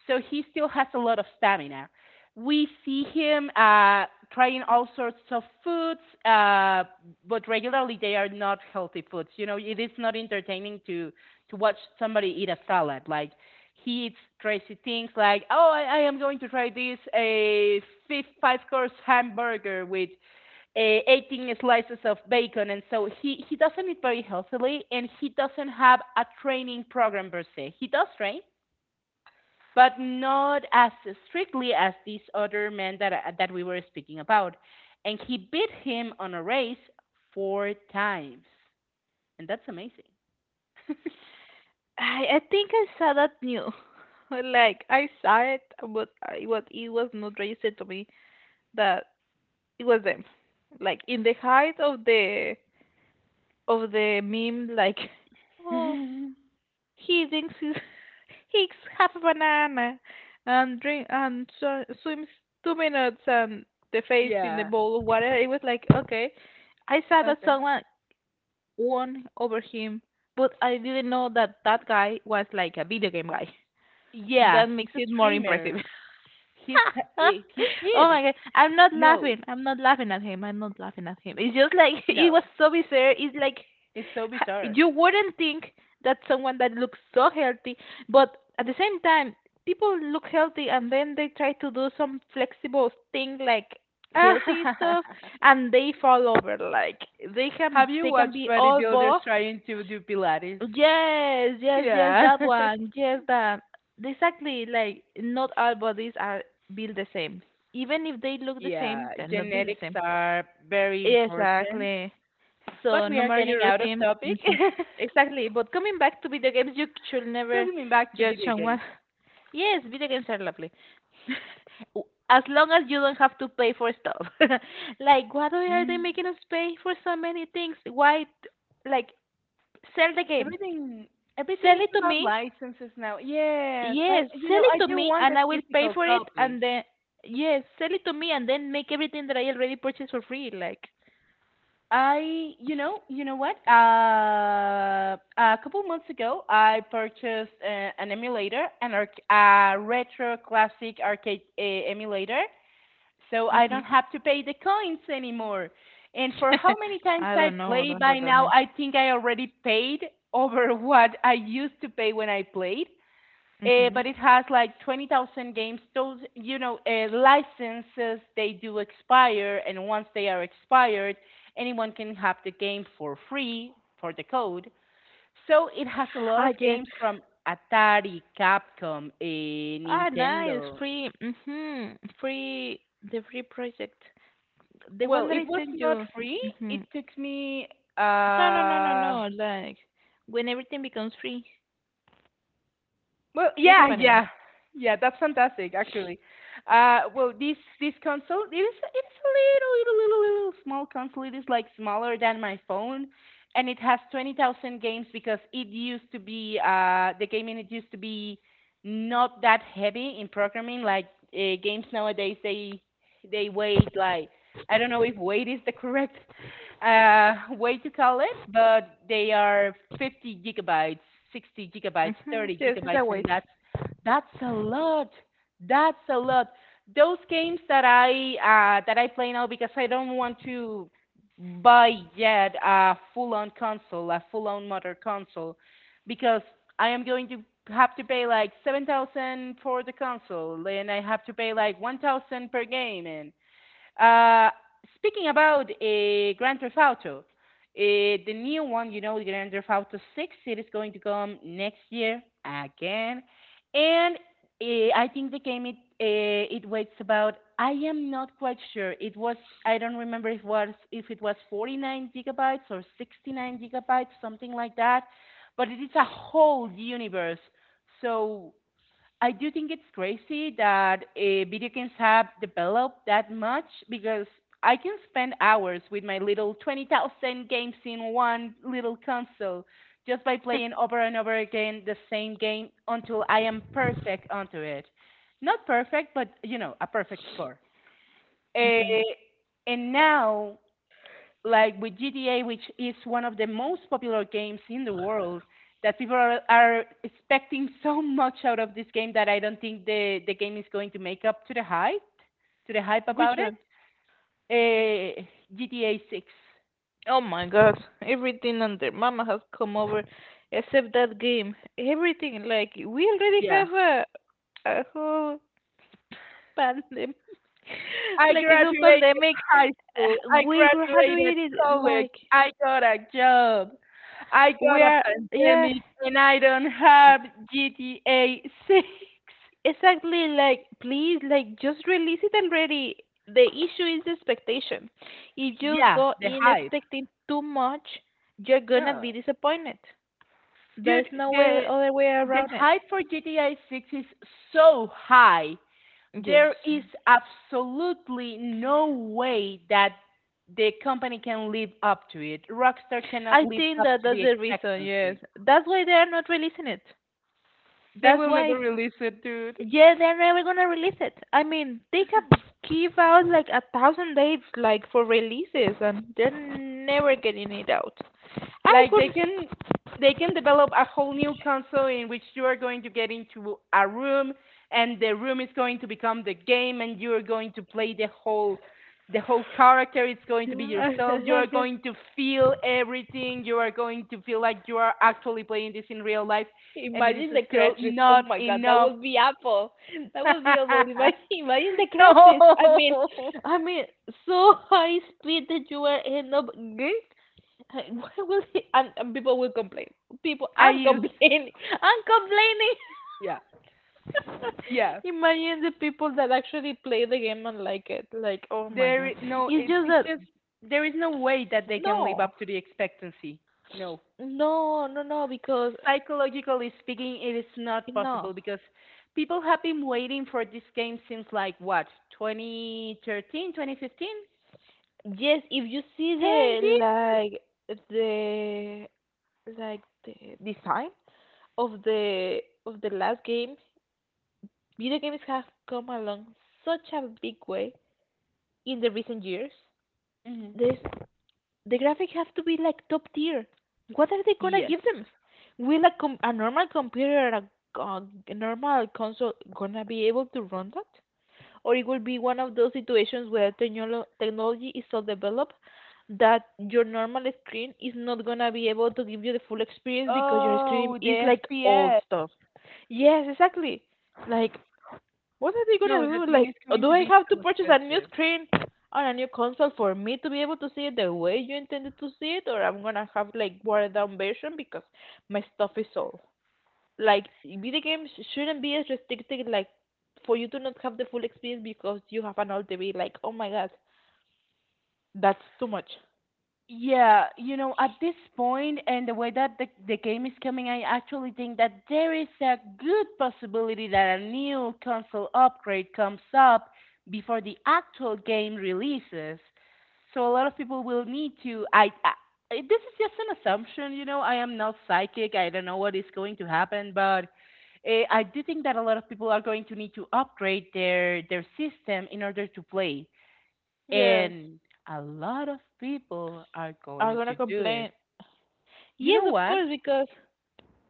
S1: So he still has a lot of stamina. We see him trying all sorts of foods, uh, but regularly they are not healthy foods. You know, it is not entertaining to watch somebody eat a salad. Like he eats crazy things like, oh, I am going to try this a five course hamburger with 18 slices of bacon, and so he doesn't eat very healthily, and he doesn't have a training program per se. He does train, but not as strictly as these other men that we were speaking about. And he beat him on a race four times, and that's amazing.
S2: I think I saw that new. Like I saw it, but I was it was not registered to me that it was them. Like in the height of the meme, like oh. He drinks his, he eats half a banana and drink and so, swims 2 minutes and the face in the
S1: Yeah.
S2: bowl of water. It was like, okay, I saw that
S1: Okay.
S2: someone won over him, but I didn't know that that guy was like a video game guy.
S1: Yeah,
S2: That
S1: he's
S2: makes
S1: a
S2: it more impressive.
S1: streamer. He's he's
S2: Oh
S1: big.
S2: my god, I'm not
S1: No,
S2: laughing. I'm not laughing at him. I'm not laughing at him. It's just like it was
S1: no,
S2: so bizarre. It's like
S1: it's so
S2: ha-
S1: bizarre.
S2: you wouldn't think that someone that looks so healthy, but at the same time, people look healthy and then they try to do some flexible thing like healthy stuff and they fall over like they can
S1: Have you
S2: they can
S1: watched
S2: be all buff.
S1: bodybuilders trying to do Pilates?
S2: Yes, yes, yes,
S1: Yeah.
S2: that one. Yes, that. Exactly. Like, not all bodies are built the same. Even if they look the same,
S1: Yeah,
S2: they're not built the
S1: genetics
S2: same.
S1: are very important,
S2: Exactly.
S1: but
S2: So,
S1: we
S2: no
S1: are
S2: matter
S1: getting
S2: your
S1: out of
S2: routine.
S1: topic.
S2: Mhm. Exactly. But coming back to video games, you should never
S1: Taking me back to
S2: judge
S1: video games.
S2: someone. Yes, video games are lovely. W- as long as you don't have to pay for stuff. Like, why do- are they
S1: Mm.
S2: making us pay for so many things? Why, t- like, sell the game.
S1: Everything everything
S2: Sell
S1: is
S2: it to
S1: about
S2: me.
S1: licenses now. Yes, I,
S2: Yes,
S1: you
S2: sell
S1: know,
S2: it
S1: I
S2: to
S1: do
S2: me
S1: want the
S2: and I will pay
S1: physical
S2: for it
S1: copy.
S2: and then yes, sell it to me and then make everything that I already purchased for free, like.
S1: I you know what? A couple months ago, I purchased an emulator, an a retro classic arcade emulator, so I
S2: Mhm.
S1: don't have to pay the coins anymore. And for how many times
S2: I
S1: I
S2: don't know
S1: play
S2: that
S1: by
S2: what that
S1: now,
S2: means.
S1: I think I already paid over what I used to pay when I played. But
S2: Mhm.
S1: it has like 20,000 games. Those, you know, licenses, they do expire. And once they are expired, anyone can have the game for free, for the code. So it has a lot of
S2: Ah yes.
S1: games from Atari, Capcom,
S2: Ah nice,
S1: Nintendo.
S2: free. Mhm. Free the free project. The
S1: Well,
S2: one that
S1: it
S2: I
S1: was
S2: sent
S1: not
S2: you.
S1: free. It
S2: Mhm.
S1: took me,
S2: No, no, no, no,
S1: uh,
S2: no. Like when everything becomes free,
S1: well,
S2: they have a
S1: yeah,
S2: name.
S1: yeah, yeah. That's fantastic, actually. This this console, it is, it's a little, little, little, little small console. It is like smaller than my phone, and it has 20,000 games because it used to be the gaming it used to be not that heavy in programming. Like games nowadays, they weight like I don't know if weight is the correct way to call it, but they are 50 gigabytes, 60 gigabytes,
S2: Mhm.
S1: 30
S2: Yes, it's a
S1: gigabytes,
S2: wait.
S1: and that's a lot. That's a lot. Those games that I play now because I don't want to buy yet a full-on console, a full-on modern console, because I am going to have to pay like 7,000 for the console, and I have to pay like 1,000 per game, and uh, speaking about Grand Theft Auto, the new one, you know, Grand Theft Auto 6, it is going to come next year again. And I think the game it it waits about. I am not quite sure. It was, I don't remember if was if it was 49 gigabytes or 69 gigabytes, something like that. But it is a whole universe. So I do think it's crazy that video games have developed that much because I can spend hours with my little 20,000 games in one little console just by playing over and over again the same game until I am perfect onto it. Not perfect, but you know, a perfect score. Uh,
S2: Mhm.
S1: and now, like with GTA, which is one of the most popular games in the world, that people are expecting so much out of this game that I don't think the game is going to make up to the hype,
S2: Which
S1: about it.
S2: one?
S1: Uh, GTA 6.
S2: Oh my god, everything under Mama has come over except that game. Everything, like, we already
S1: Yeah.
S2: have a whole pandemic.
S1: I
S2: Like a whole
S1: graduated
S2: pandemic.
S1: high school. I
S2: We
S1: graduated
S2: graduated,
S1: college.
S2: like,
S1: I got a job. I got
S2: we
S1: a
S2: are, yeah,
S1: pandemic, and I don't have GTA 6.
S2: exactly, like, please, like, just release it already. The issue is the expectation. If you
S1: Yeah,
S2: go
S1: the
S2: in
S1: hype.
S2: expecting too much, you're gonna be
S1: No.
S2: disappointed. There's
S1: Dude,
S2: no way,
S1: the
S2: other way
S1: The
S2: around it.
S1: hype for GTA 6 is so high.
S2: Yes.
S1: There is absolutely no way that the company can live up to it. Rockstar cannot
S2: I
S1: live
S2: think
S1: up
S2: that
S1: to
S2: that's
S1: the
S2: the reason, yes.
S1: expectancy.
S2: That's why they are not releasing it. That's
S1: They will
S2: why.
S1: never release it, dude.
S2: Yeah, they're never gonna release it. I mean, they have give out like a thousand dates like for releases and they're never getting it out. I
S1: Like
S2: could
S1: they can develop a whole new console in which you are going to get into a room, and the room is going to become the game, and you are going to play the whole character. It's going to be
S2: yeah,
S1: yourself. You are
S2: okay.
S1: going to feel everything. You are going to feel like you are actually playing this in real life, and it is
S2: Imagine the crash
S1: still
S2: risk. Oh
S1: not
S2: my god, that
S1: enough.
S2: would be Apple. That would be Apple. Imagine, imagine the crash risk. I mean,
S1: No,
S2: I mean, so high speed that you will end up. Hey, why will he? And people will complain. People,
S1: I
S2: I'm
S1: use
S2: complaining. I'm
S1: yeah,
S2: complaining.
S1: yeah.
S2: Imagine the people that actually play the game and like it. Like, oh my
S1: There,
S2: god.
S1: no,
S2: It's
S1: it,
S2: just
S1: it's
S2: that
S1: just there is no way that they can live
S2: no,
S1: up to the expectancy. No,
S2: no, no, no. Because
S1: psychologically speaking, it is not
S2: no.
S1: possible because people have been waiting for this game since like what, 2013, 2015,
S2: Yes, if you see
S1: 10
S2: the
S1: years.
S2: like the the design of the last game, video games have come along such a big way in the recent years.
S1: Hmm.
S2: There's the graphics have to be like top tier. What are they gonna
S1: Yes.
S2: give them? Will a com- a normal computer or a normal console gonna be able to run that? Or it will be one of those situations where technolo- technology is so developed that your normal screen is not gonna be able to give you the full experience because your screen
S1: Oh,
S2: is
S1: the
S2: like old
S1: SPS.
S2: stuff. Yes, exactly. Like what are they gonna
S1: No, that
S2: do?
S1: game
S2: Like,
S1: is going
S2: do
S1: to
S2: I
S1: be
S2: have to
S1: so
S2: purchase a new
S1: expensive.
S2: screen or a new console for me to be able to see it the way you intended to see it, or I'm gonna have like watered down version because my stuff is old. Like, video games shouldn't be as restricted. Like, for you to not have the full experience because you have an old TV. Like, oh my god, that's too much.
S1: Yeah, at this point and the way that the game is coming, I actually think that there is a good possibility that a new console upgrade comes up before the actual game releases. So a lot of people will need to. This is just an assumption. I am not psychic. I don't know what is going to happen, but I do think that a lot of people are going to need to upgrade their system in order to play.
S2: Yes,
S1: And a lot of people are
S2: I'm
S1: going
S2: gonna
S1: to do it.
S2: complain.
S1: You
S2: Yes,
S1: know
S2: of
S1: what?
S2: course, because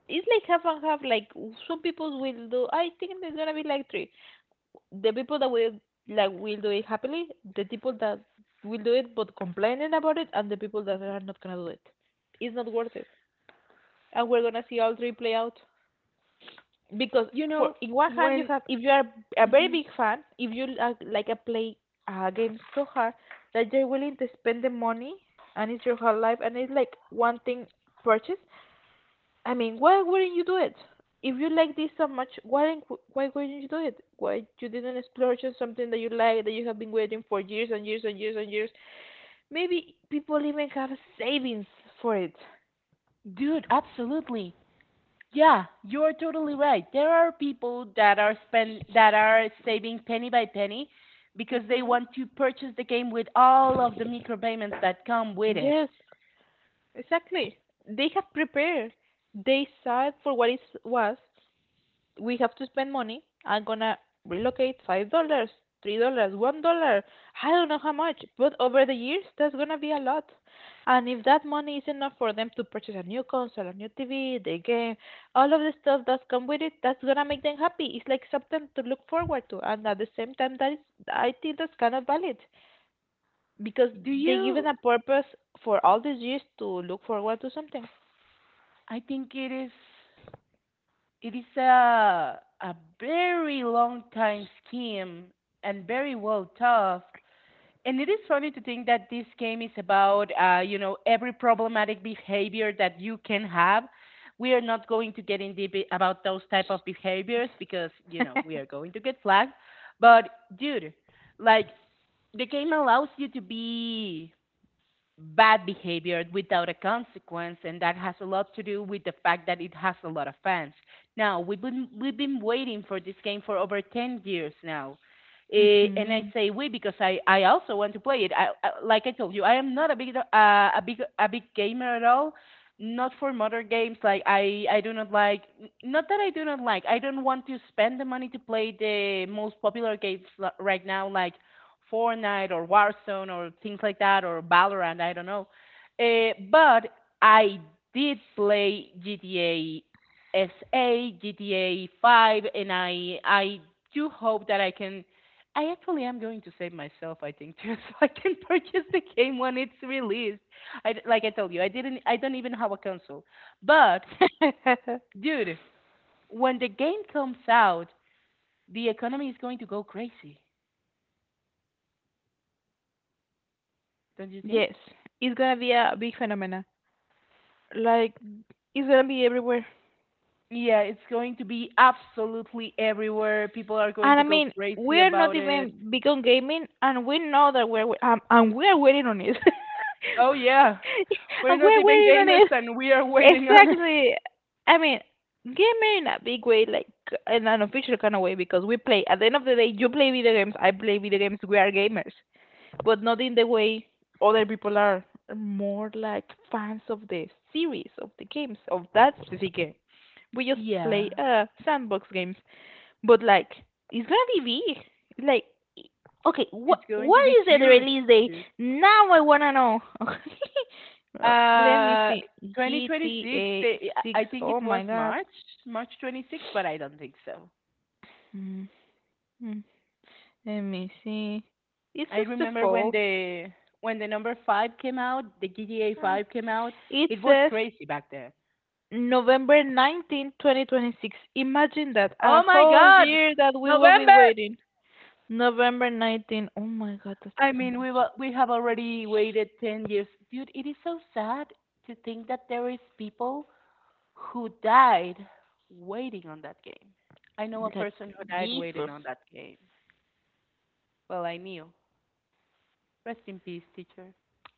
S2: it's like half and half. Like, some people will do. I think there's gonna be like three. The people that will like will do it happily, the people that will do it but complaining about it, and the people that are not gonna do it. It's not worth it, and we're gonna see all three play out because
S1: You
S2: for
S1: know,
S2: in one hand you
S1: when,
S2: have if you are a very
S1: Mhm.
S2: big fan, if you are like a play a game so hard that you're willing to spend the money and it's your whole life and it's like one thing purchased. I mean, why wouldn't you do it? If you like this so much, why didn't- why wouldn't you do it? Why you didn't explore just something that you like that you have been waiting for years and years and years and years? Maybe people even have savings for it.
S1: Dude, absolutely. Yeah, you're totally right. There are people that are spend that are saving penny by penny because they
S2: Hmm.
S1: want to purchase the game with all of the micropayments that come with it.
S2: Yes, exactly. They have prepared. They saw it for what it was, we have to spend money. I'm gonna relocate $5, $3, $1. I don't know how much, but over the years that's gonna be a lot. And if that money is enough for them to purchase a new console, a new TV, the game, all of the stuff that's come with it, that's gonna make them happy. It's like something to look forward to, and at the same time, that is, I think that's kind of valid because
S1: Do
S2: they given
S1: you
S2: a purpose for all these years to look forward to something.
S1: I think it is a very long time scheme and very well thought, and it is funny to think that this game is about every problematic behavior that you can have. We are not going to get in deep, about those type of behaviors because we are going to get flagged, but dude, like, the game allows you to be bad behavior without a consequence, and that has a lot to do with the fact that it has a lot of fans. Now, we've been waiting for this game for over 10 years now. And I
S2: Hmm.
S1: say we because I also want to play it. I like I told you, I am not a big gamer at all. Not for modern games, like I do not like, not that I do not like, I don't want to spend the money to play the most popular games, right now, like Fortnite or Warzone or things like that, or Valorant, I don't know. But I did play GTA SA, GTA 5, and I do hope that I can. I actually am going to save myself, I think, too, so I can purchase the game when it's released. Like I told you, I don't even have a console. But dude, when the game comes out, the economy is going to go crazy, don't you
S2: Yes,
S1: think?
S2: it's gonna be a big phenomenon. Like it's gonna be everywhere.
S1: Yeah, it's going to be absolutely everywhere. People are going
S2: And
S1: to
S2: I
S1: go
S2: mean,
S1: crazy
S2: we're not
S1: about it.
S2: even big on gaming, and we know that we're and we're waiting on it.
S1: Oh, yeah. We're
S2: And
S1: not
S2: we're
S1: even
S2: waiting on
S1: gamers,
S2: it.
S1: and we are waiting on it.
S2: Exactly. I mean, gaming in a big way, like in an official kind of way, because we play. At the end of the day, you play video games. I play video games. We are gamers. But not in the way other people are. More like fans of the series, of the games, of that specific game. We just
S1: Yeah,
S2: play sandbox games, but like it's gonna be big. Like, okay, what
S1: it's going
S2: what
S1: to be
S2: is the
S1: huge,
S2: release date?
S1: dude.
S2: Now I wanna know. Let me
S1: Uh,
S2: see.
S1: 2026,
S2: GTA
S1: I
S2: 6.
S1: think
S2: Oh
S1: it
S2: my
S1: was
S2: god.
S1: March, March 26, but I don't think so.
S2: Mm, mm. Let me see. It
S1: I
S2: says the
S1: remember when
S2: fall.
S1: the number 5 came out, the GTA
S2: Uh,
S1: 5 came out.
S2: It
S1: It was
S2: says
S1: crazy back then.
S2: November 19th, twenty 2026. Imagine that. A
S1: Oh my
S2: whole
S1: god,
S2: year that we will be
S1: November!
S2: waiting. November 19th. Oh my God, that's
S1: I
S2: so
S1: mean,
S2: much.
S1: we have already waited 10 years. Dude, it is so sad to think that there is people who died waiting on that game. I know a
S2: Like,
S1: person who died waiting
S2: Jesus.
S1: on that game. Well, I knew. Rest in peace, teacher.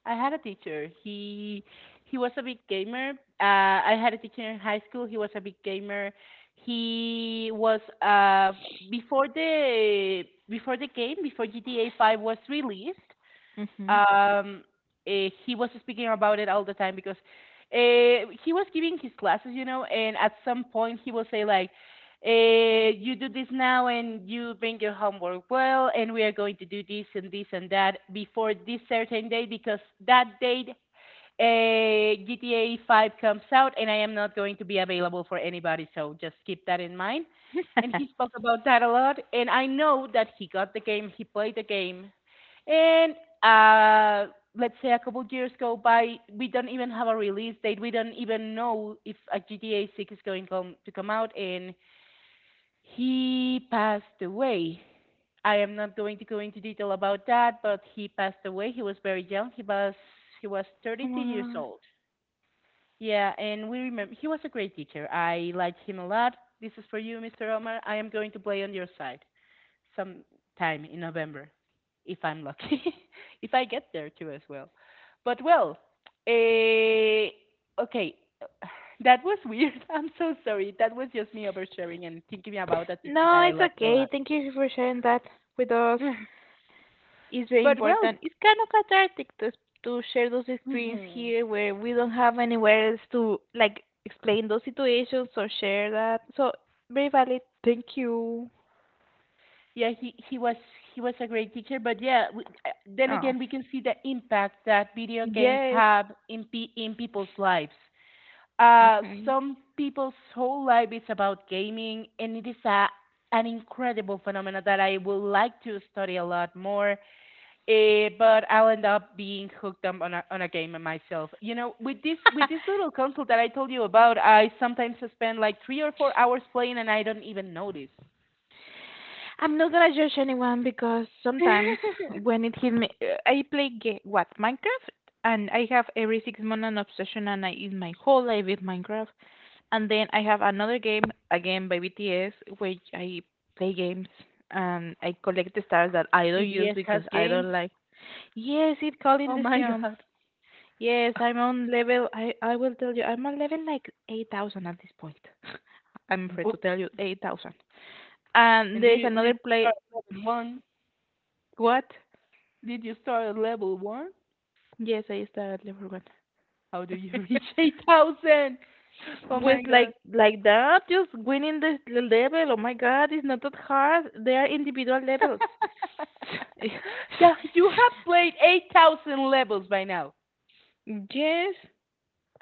S1: I had a teacher. He was a big gamer. I had a teacher in high school. He was a big gamer. He was before the game, before GTA 5 was released.
S2: Mm-hmm.
S1: Um, he was speaking about it all the time because he was giving his classes, and at some point he will say like, "You do this now, and you bring your homework well, and we are going to do this and this and that before this certain date because that date, GTA 5 comes out, and I am not going to be available for anybody, so just keep that in mind." And he spoke about that a lot, and I know that he got the game, he played the game, and let's say a couple of years go by, we don't even have a release date. We don't even know if a GTA 6 is to come out, and he passed away. I am not going to go into detail about that, but he passed away. He was very young. He was
S2: Oh
S1: 32
S2: my
S1: years
S2: God.
S1: old. Yeah, and we remember, he was a great teacher. I liked him a lot. This is for you, Mr. Omar. I am going to play on your side sometime in November, if I'm lucky, if I get there too as well. But well, eh, okay, that was weird. I'm so sorry. That was just me oversharing and thinking about a teacher
S2: No,
S1: that I
S2: it's
S1: loved a
S2: okay.
S1: lot.
S2: Thank you for sharing that with us. It's very
S1: But well,
S2: important. It's kind of cathartic to share those experiences
S1: mhm.
S2: here where we don't have anywhere else to, like, explain those situations or share that. So, very valid. Thank you.
S1: Yeah, he was a great teacher, but yeah, we, then
S2: Oh,
S1: again, we can see the impact that video games
S2: yes.
S1: have in people's lives. Some people's whole life is about gaming, and it is a an incredible phenomenon that I would like to study a lot more. But I'll end up being hooked up on a game myself. With this little console that I told you about, I sometimes spend like 3 or 4 hours playing, and I don't even notice.
S2: I'm not gonna judge anyone because sometimes when it hit me, I play ga what Minecraft, and I have every 6 months an obsession, and I is my whole life with Minecraft. And then I have another game again by BTS, where I play games and I collect the stars that I don't use
S1: BDS has
S2: because I
S1: games.
S2: don't like. Yes, it calling
S1: Oh
S2: the
S1: my
S2: sim.
S1: god.
S2: Yes, I'm on level. I will tell you, I'm on level like 8,000 at this point. I'm afraid to
S1: Well,
S2: tell you 8,000. And
S1: and
S2: there's
S1: did you
S2: another play.
S1: start at level one?
S2: What?
S1: Did you start at level one?
S2: Yes, I started for one.
S1: How do you reach 8,000? Oh
S2: Pues
S1: my god.
S2: like that, just winning this level. Oh my God, it's not that hard. They are individual levels.
S1: Yeah, you have played 8,000 levels by now.
S2: Yes,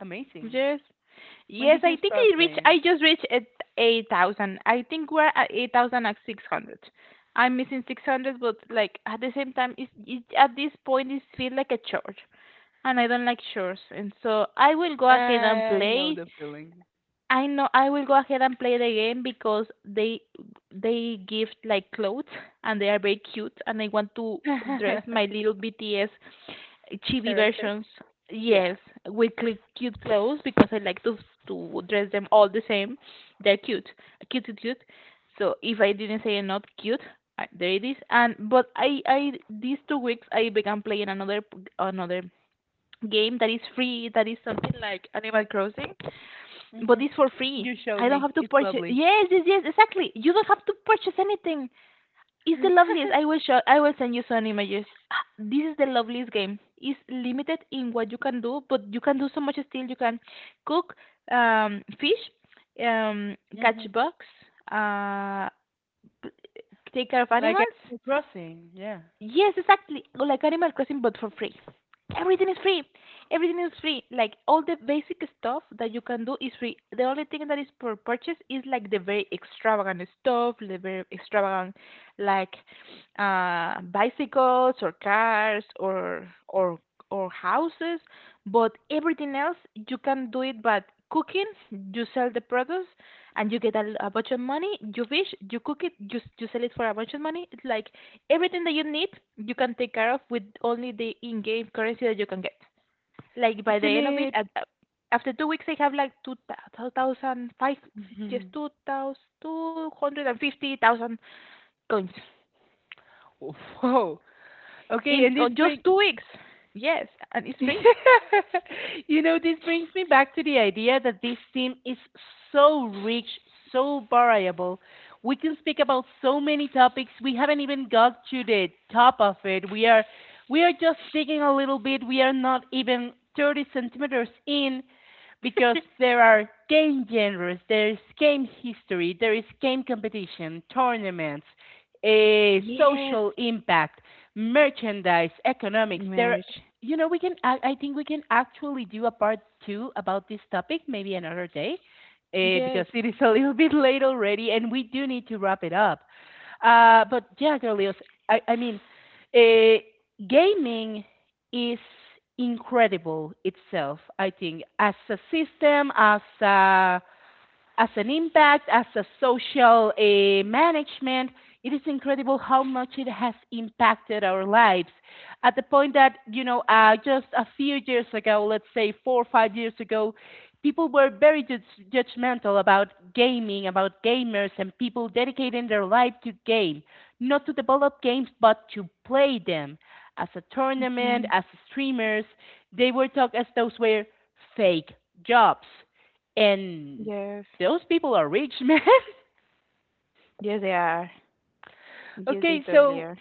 S1: Amazing.
S2: yes,
S1: When
S2: yes.
S1: did
S2: I
S1: you
S2: think
S1: start
S2: I reach. I
S1: playing?
S2: just reached at 8,000. I think we're at 8,600. I'm missing 600, but like at the same time, it's, it at this point it feels like a chore, and I don't like chores. And so I will go ahead and
S1: I know
S2: play.
S1: the feeling.
S2: I know I will go ahead and play the game because they give like clothes and they are very cute and I want to dress my little BTS chibi
S1: Character.
S2: versions.
S1: Yeah.
S2: Yes, with cl- cute clothes because I like to dress them all the same. They're cute, cute, cute, cute. So if I didn't say not cute, I, there it is. And but I these 2 weeks I began playing another p- another game that is free that is something like Animal Crossing,
S1: Hmm.
S2: but it's for free.
S1: You showed
S2: I don't
S1: me.
S2: have to
S1: It's
S2: purchase.
S1: lovely.
S2: Yes, yes, yes, exactly. You don't have to purchase anything. It's the loveliest. I will show. I will send you some images. Ah, this is the loveliest game. It's limited in what you can do, but you can do so much still. You can cook, fish, um, catch
S1: Hmm.
S2: bugs, uh, p- take care of
S1: Like
S2: animals.
S1: Animal Crossing. Yeah.
S2: Yes, exactly. Like Animal Crossing, but for free. Everything is free. Everything is free. Like all the basic stuff that you can do is free. The only thing that is for purchase is like the very extravagant stuff, the very extravagant like bicycles or cars or or houses. But everything else you can do it but cooking, you sell the products and you get a bunch of money, you fish, you cook it, you s- you sell it for a bunch of money. It's like everything that you need you can take care of with only the in-game currency that you can get. Like by the
S1: Isn't
S2: end of it,
S1: it?
S2: at, after 2 weeks, I have like 2,005, just two thousand two hundred and fifty thousand coins
S1: Whoa. Okay,
S2: in
S1: and this
S2: just
S1: brings
S2: 2 weeks. Yes, and it's free.
S1: this brings me back to the idea that this theme is so rich, so variable. We can speak about so many topics. We haven't even got to the top of it. We are just digging a little bit. We are not even 30 centimeters in, because there are game genres, there is game history, there is game competition, tournaments, a
S2: Yes,
S1: social impact, merchandise, economics. There,
S2: merch.
S1: we can. I think we can actually do a part two about this topic, maybe another day,
S2: Yes,
S1: because it is a little bit late already, and we do need to wrap it up. But yeah, Carlios, I mean, uh, gaming is incredible itself, I think, as a system, as a as an impact, as a social, management. It is incredible how much it has impacted our lives. At the point that, just a few years ago, let's say 4 or 5 years ago, people were very judgmental about gaming, about gamers, and people dedicating their life to game, not to develop games, but to play them. As a tournament,
S2: hmm.
S1: as streamers, they were talked as those were fake jobs, and
S2: Yes.
S1: those people are rich, man.
S2: Yes, they are. Yes, they
S1: Okay,
S2: totally
S1: so
S2: are.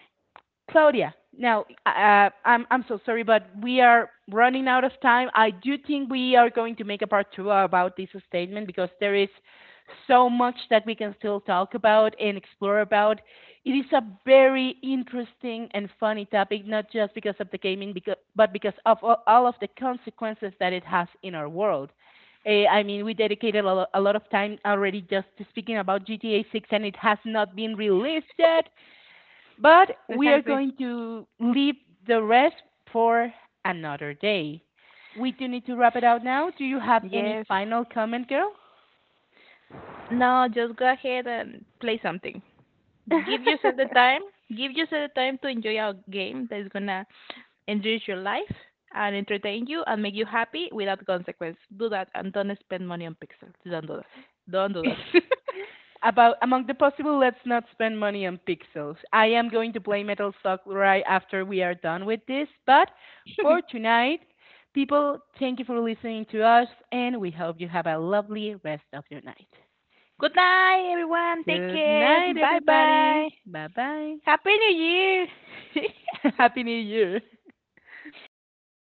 S1: Claudia, now, I'm so sorry, but we are running out of time. I do think we are going to make a part two about this statement because there is so much that we can still talk about and explore about. It is a very interesting and funny topic, not just because of the gaming, but because of all of the consequences that it has in our world. I mean, we dedicated a lot of time already just to speaking about GTA 6, and it has not been released yet. But we are
S2: Exactly.
S1: going to leave the rest for another day. We do need to wrap it out now. Do you have any
S2: Yes.
S1: final comment, girl?
S2: Now just go ahead and play something. Give yourself the time, give yourself the time to enjoy a game that is gonna enrich your life and entertain you and make you happy without consequence. Do that and don't spend money on pixels. Don't do that, don't do that.
S1: About among the possible, let's not spend money on pixels. I am going to play Metal Slug right after we are done with this, but for tonight, people, thank you for listening to us, and we hope you have a lovely rest of your night.
S2: Good night everyone, take
S1: Good
S2: care,
S1: night,
S2: bye
S1: everybody.
S2: bye.
S1: Bye bye.
S2: Happy New Year.
S1: Happy New Year.
S2: Bye.